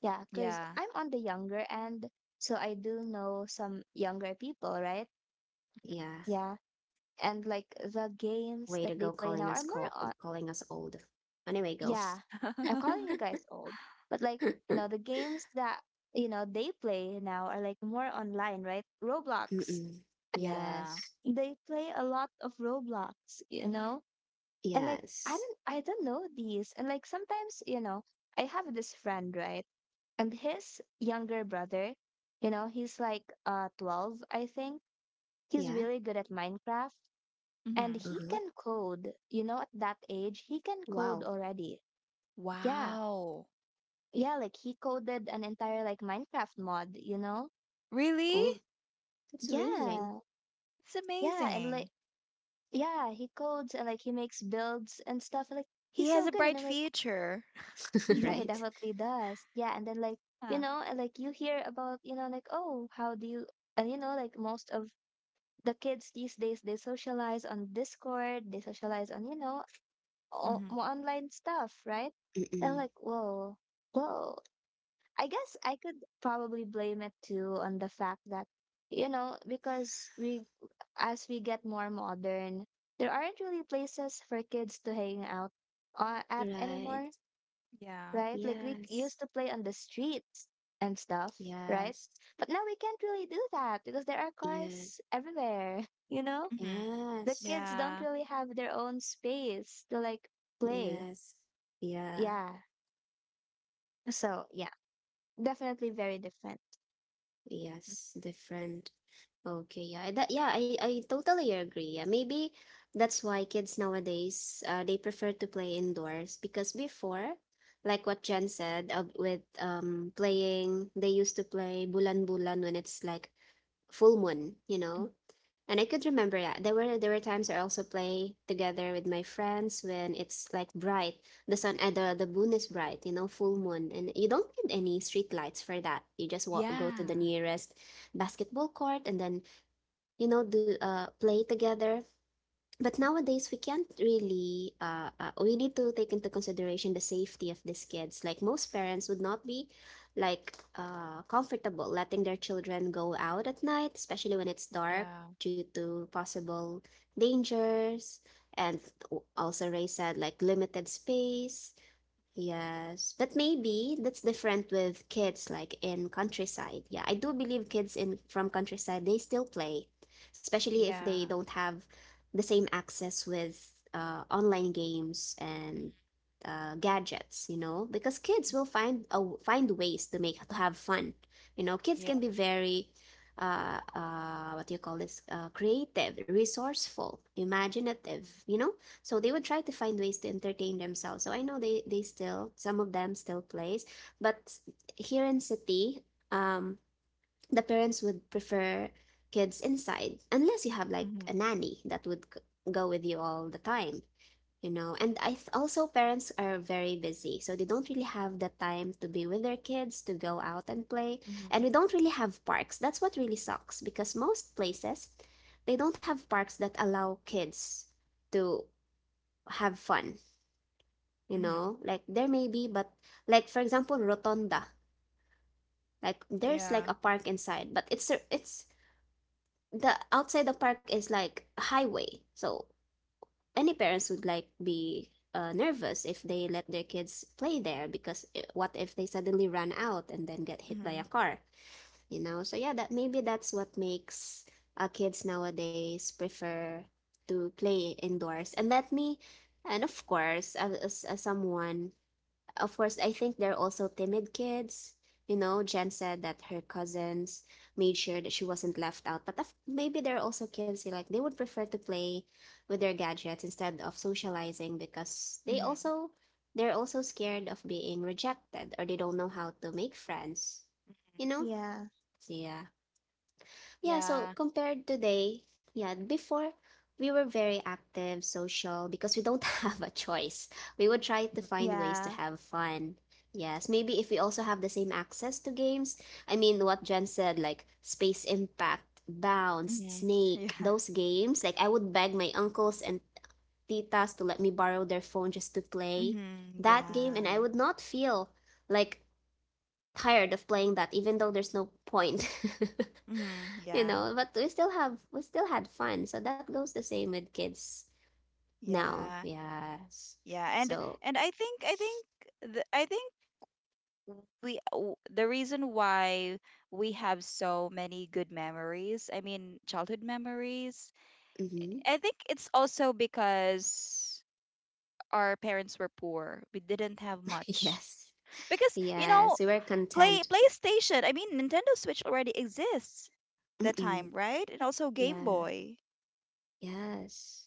S3: Yeah, because
S2: Yeah.
S3: I'm on the younger end, so I do know some younger people, right?
S1: Yeah.
S3: Yeah, and like the games
S1: Way
S3: that
S1: to go
S3: they play
S1: calling
S3: now are
S1: us
S3: more
S1: call
S3: on.
S1: calling us old. Anyway, go.
S3: Yeah, I'm
S2: [LAUGHS]
S3: calling you guys old, but like, you
S1: [LAUGHS]
S3: know, the games that, you know, they play now are like more online, right? Roblox,
S1: Mm-mm.
S2: Yeah.
S1: Yes.
S3: they play a lot of Roblox, you know? And like I
S1: Yes.
S3: don't I don't know these. And like sometimes, you know, I have this friend, right? And his younger brother, you know, he's like uh twelve, I think. He's
S1: Yeah.
S3: really good at Minecraft and
S2: Hmm.
S3: he
S1: Uh-huh.
S3: can code, you know, at that age, he can code
S1: Wow.
S3: already. Yeah.
S2: Wow.
S3: Yeah, like he coded an entire like Minecraft mod, you know?
S2: Really?
S1: Oh, that's amazing.
S3: Yeah.
S2: It's
S3: Yeah, and
S2: amazing.
S3: like yeah, he codes and like he makes builds and stuff. Like
S2: He
S3: he's
S2: has
S3: so
S2: a
S3: good and
S2: bright
S3: I'm like.
S2: future.
S1: [LAUGHS]
S3: Yeah,
S2: [LAUGHS]
S3: he
S1: Right?
S3: definitely does. Yeah, and then like, you
S2: Huh.
S3: know, and like you hear about, you know, like, oh, how do you, and you know, like most of the kids these days they socialize on Discord, they socialize on, you know, all,
S2: Mm-hmm.
S3: more online stuff, right? And I'm
S1: Mm-mm.
S3: like whoa, whoa. I guess I could probably blame it too on the fact that, you know, because we, as we get more modern, there aren't really places for kids to hang out uh, at
S1: Right.
S3: anymore,
S2: Yeah.
S3: right? Like we
S1: Yes.
S3: used to play on the streets and stuff, right?
S1: Yes.
S3: But now we can't really do that because there are
S1: Yeah.
S3: cars everywhere, [LAUGHS] you know?
S2: Mm-hmm.
S3: The
S1: Yes.
S3: kids
S2: Yeah.
S3: don't really have their own space to like play.
S1: Yes. Yeah.
S3: Yeah. So, yeah, definitely very different.
S1: Yes. Different. Okay, yeah, that yeah, I I totally agree. Yeah, maybe that's why kids nowadays uh, they prefer to play indoors because before, like what Jen said, uh, with um playing, they used to play bulan-bulan when it's like full moon, you
S2: Mm-hmm.
S1: know. And I could remember that there were there were times I also play together with my friends when it's like bright, the sun uh, the the moon is bright, you know, full moon, and you don't need any street lights for that. You just walk, go to the
S2: Yeah.
S1: nearest basketball court, and then you know do uh play together. But nowadays we can't really uh, uh we need to take into consideration the safety of these kids. Like, most parents would not be like uh comfortable letting their children go out at night, especially when it's dark,
S2: Yeah.
S1: due to possible dangers. And w- also Ray said, like, limited space. Yes, but maybe that's different with kids like in countryside. Yeah, I do believe kids in from countryside they still play, especially if they
S2: Yeah.
S1: don't have the same access with uh, online games and uh, gadgets, you know, because kids will find uh, find ways to make to have fun. You know, kids
S2: Yeah.
S1: can be very uh, uh, what do you call this? Uh, creative, resourceful, imaginative, you know? So they would try to find ways to entertain themselves. So I know they they still some of them still plays, but here in city, um, the parents would prefer kids inside unless you have
S2: Mm-hmm.
S1: like a nanny that would g- go with you all the time, you know. And I th- also parents are very busy, so they don't really have the time to be with their kids to go out and play. And
S2: Mm-hmm.
S1: we don't really have parks. That's what really sucks because most places, they don't have parks that allow kids to have fun, you
S2: Mm-hmm.
S1: know? Like there may be, but like for example, Rotonda. Like there's like
S2: Yeah.
S1: a park inside, but it's it's the outside the park is like a highway. So any parents would like be uh, nervous if they let their kids play there because eh, what if they suddenly run out and then get hit by a
S2: Mm-hmm.
S1: car, you know? So yeah, that maybe that's what makes uh, kids nowadays prefer to play indoors. And let me and of course, as, as someone of course, I think they're also timid kids. You know, Jen said that her cousins made sure that she wasn't left out. But of- maybe there are also kids who like they would prefer to play with their gadgets instead of socializing because they
S2: Mm-hmm.
S1: also they're also scared of being rejected or they don't know how to make friends.
S2: Mm-hmm.
S1: You know?
S3: Yeah.
S1: So yeah. Yeah, so
S2: Yeah.
S1: compared today, yeah, before we were very active, social, because we don't [LAUGHS] have a choice. We would try to
S2: Mm-hmm.
S1: find ways to
S3: Yeah.
S1: have fun. Yes, maybe if we also have the same access to games. I mean, what Jen said, like Space Impact, Bounce,
S2: [LAUGHS]
S1: Snake,
S2: Yeah.
S1: those games, like I would beg my uncles and titas to let me borrow their phone just to play
S2: Mm-hmm.
S1: that game, and I
S2: Yeah.
S1: would not feel like tired of playing that, even though there's no point. [LAUGHS]
S2: Mm-hmm.
S1: You
S2: Yeah.
S1: know, but we still have we still had fun, so that goes the same with kids now.
S2: Yeah.
S1: Yes.
S2: Yeah. And
S1: So
S2: and I think I think the, I think we w- the reason why we have so many good memories, I mean childhood memories,
S1: mhm.
S2: I think it's also because our parents were poor, we didn't have
S1: [LAUGHS]
S2: much
S1: Yes.
S2: because you know
S1: Yes, we were
S2: play
S1: content.
S2: PlayStation, I mean Nintendo Switch already exists that time,
S1: Mm-mm.
S2: right? And also Game
S1: Yeah.
S2: Boy,
S1: Yes.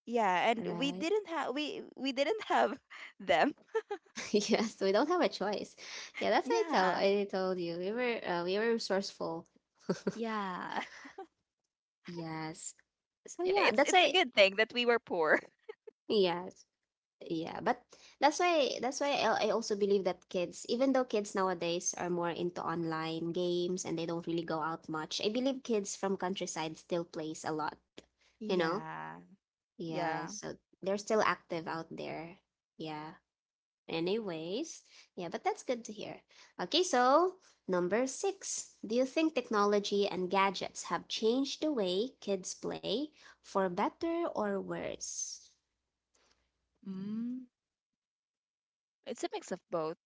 S2: yeah. And
S1: All
S2: we
S1: right.
S2: didn't have, we we didn't have [LAUGHS] them.
S1: [LAUGHS] Yes, we don't have a choice. Yeah, that's what i tell
S2: Yeah.
S1: I told you, we were uh, we were resourceful. [LAUGHS]
S2: Yeah. [LAUGHS]
S1: Yes. So
S2: Yeah,
S1: yeah,
S2: it's
S1: that's
S2: it's a
S1: why.
S2: good thing that we were poor.
S1: Yes. Yeah, but that's why that's why I I also believe that kids, even though kids nowadays are more into online games and they don't really go out much, I believe kids from countryside still plays a lot,
S2: [LAUGHS]
S1: you know?
S2: Yeah.
S1: Yeah,
S2: Yeah.
S1: so they're still active out there. Yeah. Anyways, yeah, but that's good to hear. Okay, so number six. Do you think technology and gadgets have changed the way kids play for better or worse?
S2: Mm, it's a mix of both,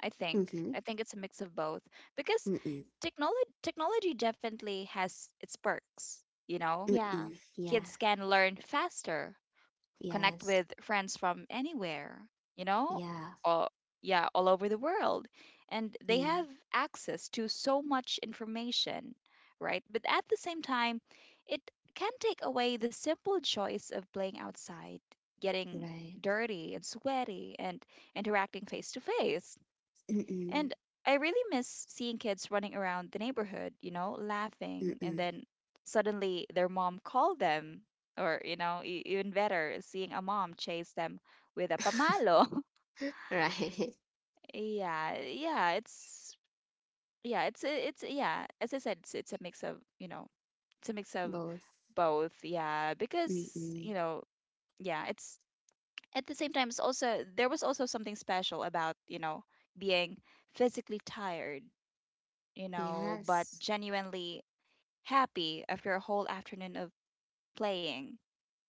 S2: I think.
S1: Mm-hmm.
S2: I think it's a mix of both because
S1: Mm-mm.
S2: technology technology definitely has its perks, you know.
S1: Mm-mm.
S3: Yeah.
S1: Yeah.
S2: Kids can learn faster, connect
S1: Yes.
S2: with friends from anywhere, you know,
S1: Yeah.
S2: or yeah, all over the world. And they
S1: Mm,
S2: have access to so much information, right? But at the same time, it can take away the simple choice of playing outside, getting
S1: right.
S2: dirty and sweaty, and interacting face to face,
S1: Mm-mm.
S2: and I really miss seeing kids running around the neighborhood, you know, laughing, and
S1: Mm-mm.
S2: then suddenly their mom called them, or, you know, e- even better, seeing a mom chase them with a
S1: [LAUGHS]
S2: pamalo. [LAUGHS]
S1: Right.
S2: Yeah, yeah, it's yeah, it's it's yeah, as I said, it's it's a mix of, you know, it's a mix of
S1: Both.
S2: both, yeah, because,
S1: Mm-mm.
S2: you know, yeah, it's at the same time it's also there was also something special about, you know, being physically tired, you know, but
S1: Yes.
S2: genuinely happy after a whole afternoon of playing.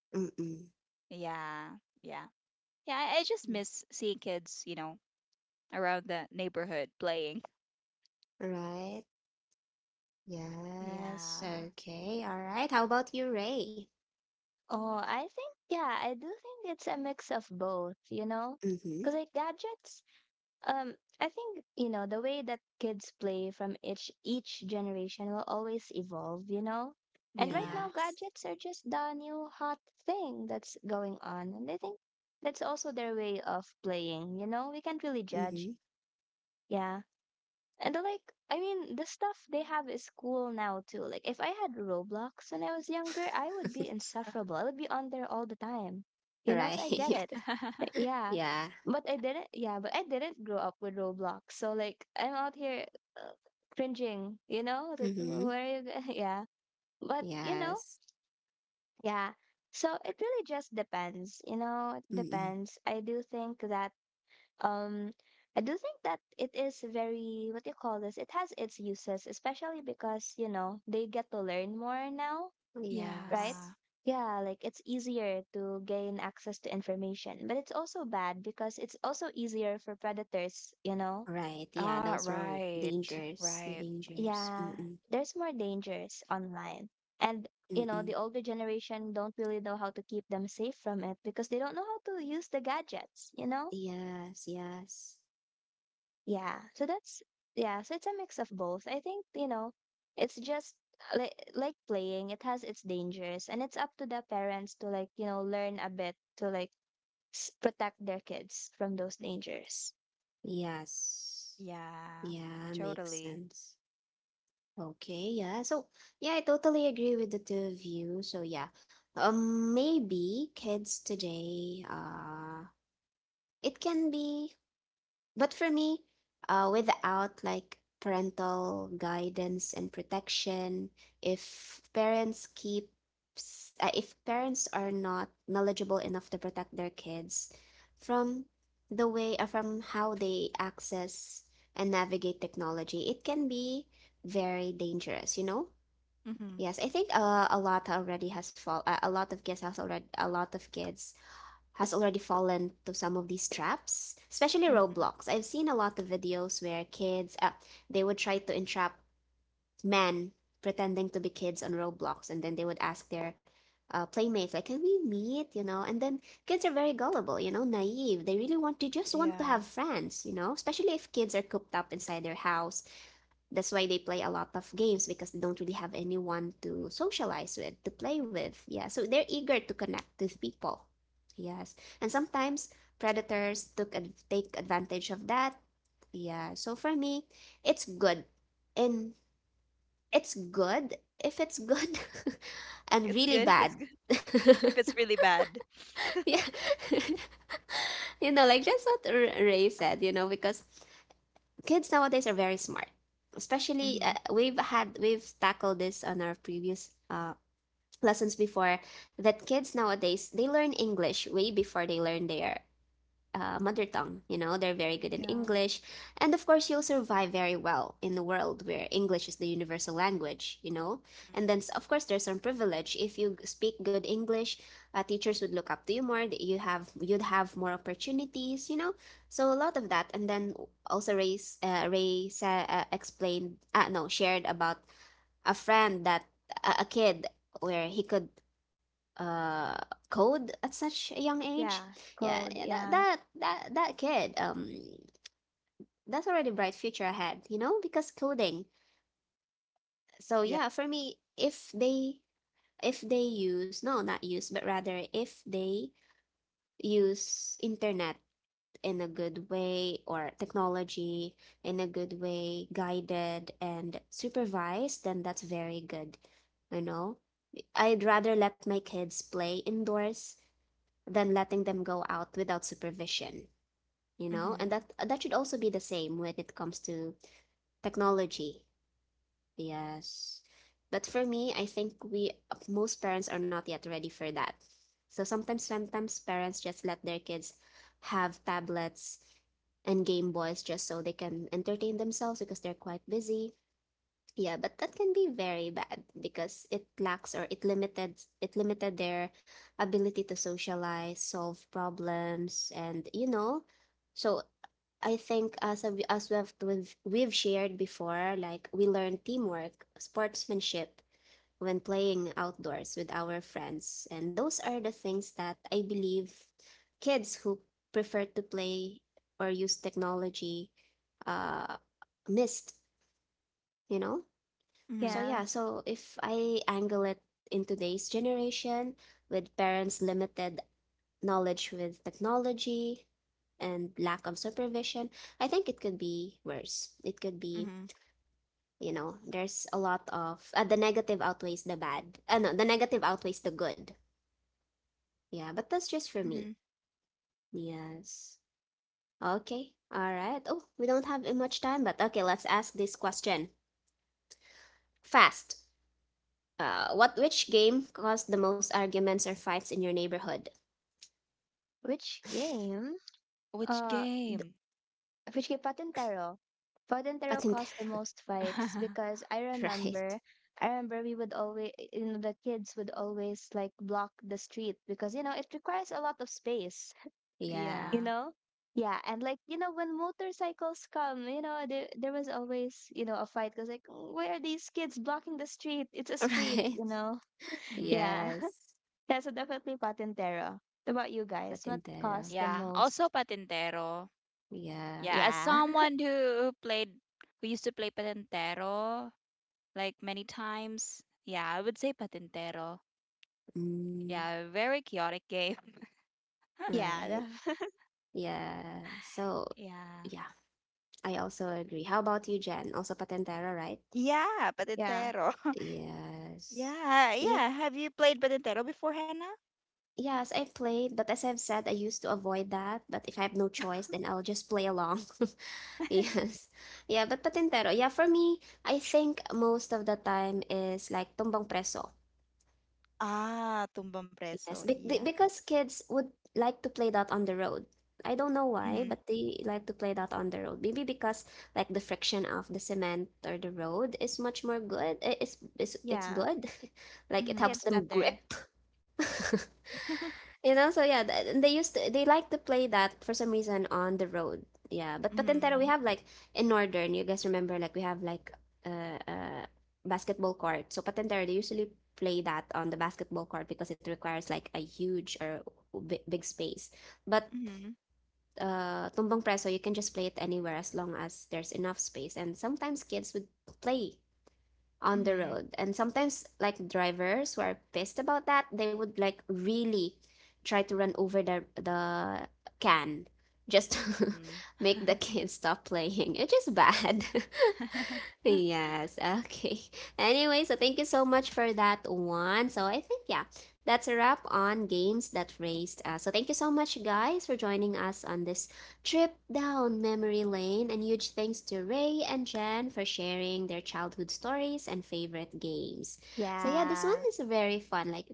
S1: Mm-mm.
S2: Yeah, yeah. Yeah, I, I just miss seeing kids, you know, around the neighborhood playing.
S1: Right. Yes.
S2: Yeah.
S1: Okay. All right. How about you, Ray?
S3: Oh, I think, yeah, I do think it's a mix of both, you know?
S1: Mm-hmm.
S3: Because like gadgets. Um, I think you know the way that kids play from each each generation will always evolve, you know. And right
S2: Yeah.
S3: now,
S1: Yes.
S3: gadgets are just the new hot thing that's going on, and I think that's also their way of playing. You know, we can't really judge.
S1: Mm-hmm.
S3: Yeah, and like I mean, the stuff they have is cool now too. Like if I had Roblox when I was younger, I would be insufferable. I would be on there all the time. You know,
S1: Right.
S3: so I get it.
S1: [LAUGHS]
S2: [LAUGHS]
S3: Yeah,
S1: Yeah.
S3: but I didn't. Yeah, but I didn't grow up with Roblox, so like I'm out here uh, cringing. You know, like
S1: Mm-hmm.
S3: where are you? go- [LAUGHS] Yeah, but you know,
S1: Yes.
S3: yeah. So it really just depends. You know, it
S1: Mm-mm.
S3: depends. I do think that um, I do think that it is very what do you call this? It has its uses, especially because, you know, they get to learn more now, right?
S1: Yes.
S2: Yeah.
S3: Yeah, like it's easier to gain access to information, but it's also bad because it's also easier for predators, you know?
S1: Right. Yeah.
S2: Ah,
S1: Those are
S2: right.
S1: dangers. The
S2: Right.
S1: dangers.
S3: Yeah,
S1: Mm-mm.
S3: there's more dangers online. And, you know,
S1: Mm-mm.
S3: the older generation don't really know how to keep them safe from it because they don't know how to use the gadgets, you know?
S1: Yes. Yes.
S3: Yeah, so that's, yeah, so it's a mix of both. I think, you know, it's just like like playing, it has its dangers, and it's up to the parents to like, you know, learn a bit to like s- protect their kids from those
S2: Mm,
S3: dangers.
S1: Yes.
S2: yeah,
S1: Yeah, makes
S2: totally.
S1: sense. Okay, yeah. So, yeah, I totally agree with the two of you. So, yeah. Um, maybe kids today, uh, it can be but for me, uh, without like parental guidance and protection, if parents keep uh, if parents are not knowledgeable enough to protect their kids from the way uh, from how they access and navigate technology, it can be very dangerous, you know?
S2: Mm-hmm.
S1: Yes, I think uh, a lot already has fall uh, a lot of kids has already a lot of kids has already fallen to some of these traps, especially
S2: Mm-hmm.
S1: Roblox. I've seen a lot of videos where kids, uh, they would try to entrap men pretending to be kids on Roblox, and then they would ask their uh, playmates, like, "Can we meet?" You know, and then kids are very gullible, you know, naive. They really want, to just want to have
S2: Yeah.
S1: friends, you know, especially if kids are cooped up inside their house. That's why they play a lot of games, because they don't really have anyone to socialize with to play with. Yeah, so they're eager to connect with people. Yes. And sometimes predators took ad- take advantage of that. Yeah, so for me it's good and it's good if it's good [LAUGHS] and
S2: It's
S1: really
S2: good [LAUGHS] if
S1: bad.
S2: it's good [LAUGHS] if
S1: [LAUGHS]
S2: it's really bad.
S1: Yeah.
S2: [LAUGHS]
S1: [LAUGHS] You know, like that's what R- ray said, you know, because kids nowadays are very smart, especially uh,
S2: Mm-hmm.
S1: we've had we've tackled this on our previous uh, lessons before, that kids nowadays they learn English way before they learn their uh, mother tongue. You know, they're very good in
S2: Yeah.
S1: English. And of course, you'll survive very well in the world where English is the universal language, you know. And
S2: Mhm.
S1: then, of course, there's some privilege. If you speak good English, uh, teachers would look up to you more. You have you'd have more opportunities, you know. So a lot of that. And then also Ray uh, Ray sa- uh, explained, uh, no, shared about a friend that a a kid where he could uh code at such a young age.
S3: Yeah,
S1: Yeah,
S3: code.
S1: yeah, that
S3: Yeah,
S1: that that, that kid, um that's already bright future ahead, you know, because coding. So
S2: Yeah.
S1: yeah, for me, if they if they use no not use but rather if they use internet in a good way, or technology in a good way, guided and supervised, then that's very good, you know. I'd rather let my kids play indoors than letting them go out without supervision, you know?
S2: Mm-hmm.
S1: And that that should also be the same when it comes to technology. Yes. But for me, I think we most parents are not yet ready for that. So sometimes sometimes parents just let their kids have tablets and Game Boys just so they can entertain themselves because they're quite busy. Yeah, but that can be very bad because it lacks, or it limited it limited their ability to socialize, solve problems, and you know. So I think as a, as we've we've we've shared before, like we learn teamwork, sportsmanship when playing outdoors with our friends, and those are the things that I believe kids who prefer to play or use technology uh missed, you know. So
S2: Mm-hmm.
S3: yeah.
S1: yeah, so if I angle it in today's generation with parents' limited knowledge with technology and lack of supervision, I think it could be worse. It could be,
S2: Mm-hmm.
S1: you know, there's a lot of uh, the negative outweighs the bad. Uh, no, the negative outweighs the good. Yeah, but that's just for me.
S2: Mm-hmm.
S1: Yes. Okay. All right. Oh, we don't have much time, but okay, let's ask this question fast. Uh, what which game caused the most arguments or fights in your neighborhood?
S3: Which game?
S2: Which
S3: Uh, th-
S2: game?
S3: which game? Patintero. Patintero
S1: Patintero.
S3: caused the
S1: [LAUGHS]
S3: most fights
S2: [LAUGHS]
S3: because I
S1: Right.
S3: remember, I remember we would always, you know, the kids would always like block the street because you know it requires a lot of space.
S1: Yeah.
S3: You
S2: Yeah.
S3: know. Yeah, and like you know, when motorcycles come, you know, there there was always you know a fight because like, why are these kids blocking the street? It's a
S1: [LAUGHS]
S3: street,
S1: Right.
S3: you know.
S2: Hmm.
S3: Yeah.
S1: Yes.
S3: Yeah, so definitely Patintero. What about you guys? What
S1: Patintero.
S3: costs the
S2: Yeah. Also
S3: most?
S2: patintero.
S1: Yeah.
S2: Yeah. As
S3: Yeah.
S2: someone who who played, who used to play patintero like many times. Yeah, I would say patintero.
S1: Mm,
S2: Yeah, very chaotic game. [LAUGHS]
S3: [LAUGHS]
S1: right.
S3: Yeah. The-
S1: Yeah. So,
S2: Yeah.
S1: yeah, I also agree. How about you, Jen? Also Patintero, right?
S2: Yeah,
S3: [LAUGHS] yeah.
S2: patintero. [LAUGHS]
S1: Yes.
S2: Yeah,
S1: Yeah.
S2: yeah. Have you played patintero before, Hannah?
S1: Yes, I've played, but as I've said, I used to avoid that. But if I have no choice, then I'll just play along. [LAUGHS]
S2: [LAUGHS]
S1: Yes. Yeah, but Patintero, yeah, for me, I think most of the time is like Tumbang Preso.
S2: Ah, tumbang
S1: Yes,
S2: preso.
S1: be be-
S2: Yeah.
S1: because kids would like to play that on the road. I don't know why,
S2: Mhm.
S1: but they like to play that on the road. Maybe because like the friction of the cement or the road is much more good. i- It's it's, it's
S3: Yeah.
S1: good. [LAUGHS] Like it
S2: Mhm.
S1: helps
S3: It's
S1: them
S3: better.
S1: grip. [LAUGHS] You know, so yeah, th- and they used to they like to play that for some reason on the road. Yeah, but Patintero we
S2: Mhm.
S1: have like in Northern, you guys remember like we have like uh, uh basketball court. So Patintero they usually play that on the basketball court because it requires like a huge or big, big space. But
S2: Mhm.
S1: uh Tumbang Preso you can just play it anywhere as long as there's enough space. And sometimes kids would play on the
S2: Mhm.
S1: road. And sometimes, like drivers who are pissed about that, they would like really try to run over the the can just to
S2: Mhm.
S1: [LAUGHS] make the kids stop playing. It's just bad. [LAUGHS]
S2: [LAUGHS]
S1: Yes, okay. [LAUGHS] Anyway, so thank you so much for that one. So I think, yeah, that's a wrap on games that raised us. So thank you so much, guys, for joining us on this trip down memory lane. And huge thanks to Ray and Jen for sharing their childhood stories and favorite games. So, yeah, this one
S2: Mhm.
S3: Yeah.
S1: is very fun. Like,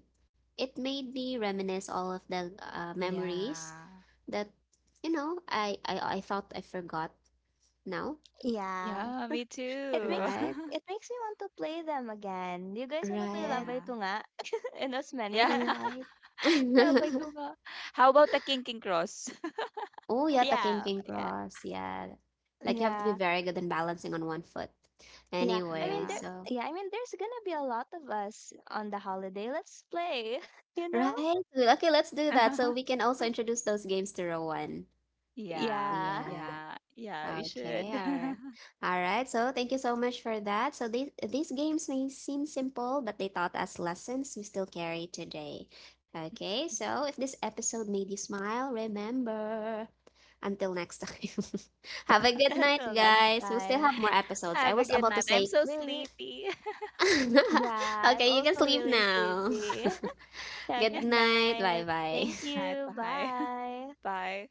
S1: it made me reminisce all of the uh, memories
S2: Yeah.
S1: that, you know, I, I, I thought I forgot now,
S3: Yeah.
S2: Yeah, me
S3: It
S2: too.
S3: makes
S2: [LAUGHS]
S3: me
S1: right?
S3: it makes me want to play them again. You guys wanna play
S1: Right.
S3: Labay
S2: Yeah.
S3: Tunga [LAUGHS] and
S2: Yeah.
S3: Osmania?
S1: Right.
S2: [LAUGHS] Labay
S1: [LAUGHS]
S2: tunga. How about the King Cross? [LAUGHS]
S1: Oh,
S3: [LAUGHS]
S1: yeah, the king
S3: Yeah.
S1: king
S3: Yeah.
S1: cross. Yeah. Like you have to be
S3: Yeah.
S1: very good in balancing on one foot.
S3: Yeah. I mean
S1: Anyway,
S3: there
S2: Yeah.
S1: so
S3: yeah, I mean there's gonna be a lot of us on the holiday. Let's play, [LAUGHS] you know?
S1: right. Okay, let's do that so we
S2: [LAUGHS]
S1: can also introduce those games to Rowan.
S2: Yeah.
S3: Yeah.
S1: Yeah.
S2: Yeah. Yeah, we
S1: Okay,
S2: should. [LAUGHS]
S1: all right. All right, so thank you so much for that. So these these games may seem simple, but they taught us lessons we still carry today. Okay, so if this episode made you smile, remember. Until next time. [LAUGHS] Have a
S3: [LAUGHS]
S1: good night,
S3: Until next
S1: guys. We'll still
S3: time.
S1: have more episodes. I
S2: Have a
S1: was
S2: good
S1: about to
S2: night. I'm
S1: say,
S2: so
S3: We re-
S2: sleepy. [LAUGHS]
S3: Yeah,
S1: [LAUGHS]
S3: I'm
S1: okay, you can
S3: also
S1: sleep
S3: really
S1: now.
S3: sleepy. [LAUGHS]
S1: [LAUGHS]
S3: Yeah,
S2: Yeah.
S1: Good
S3: good
S1: night. Bye
S3: night. Thank
S2: Good
S1: bye.
S2: night.
S3: you.
S2: Bye. [LAUGHS]
S3: Bye.
S2: Bye.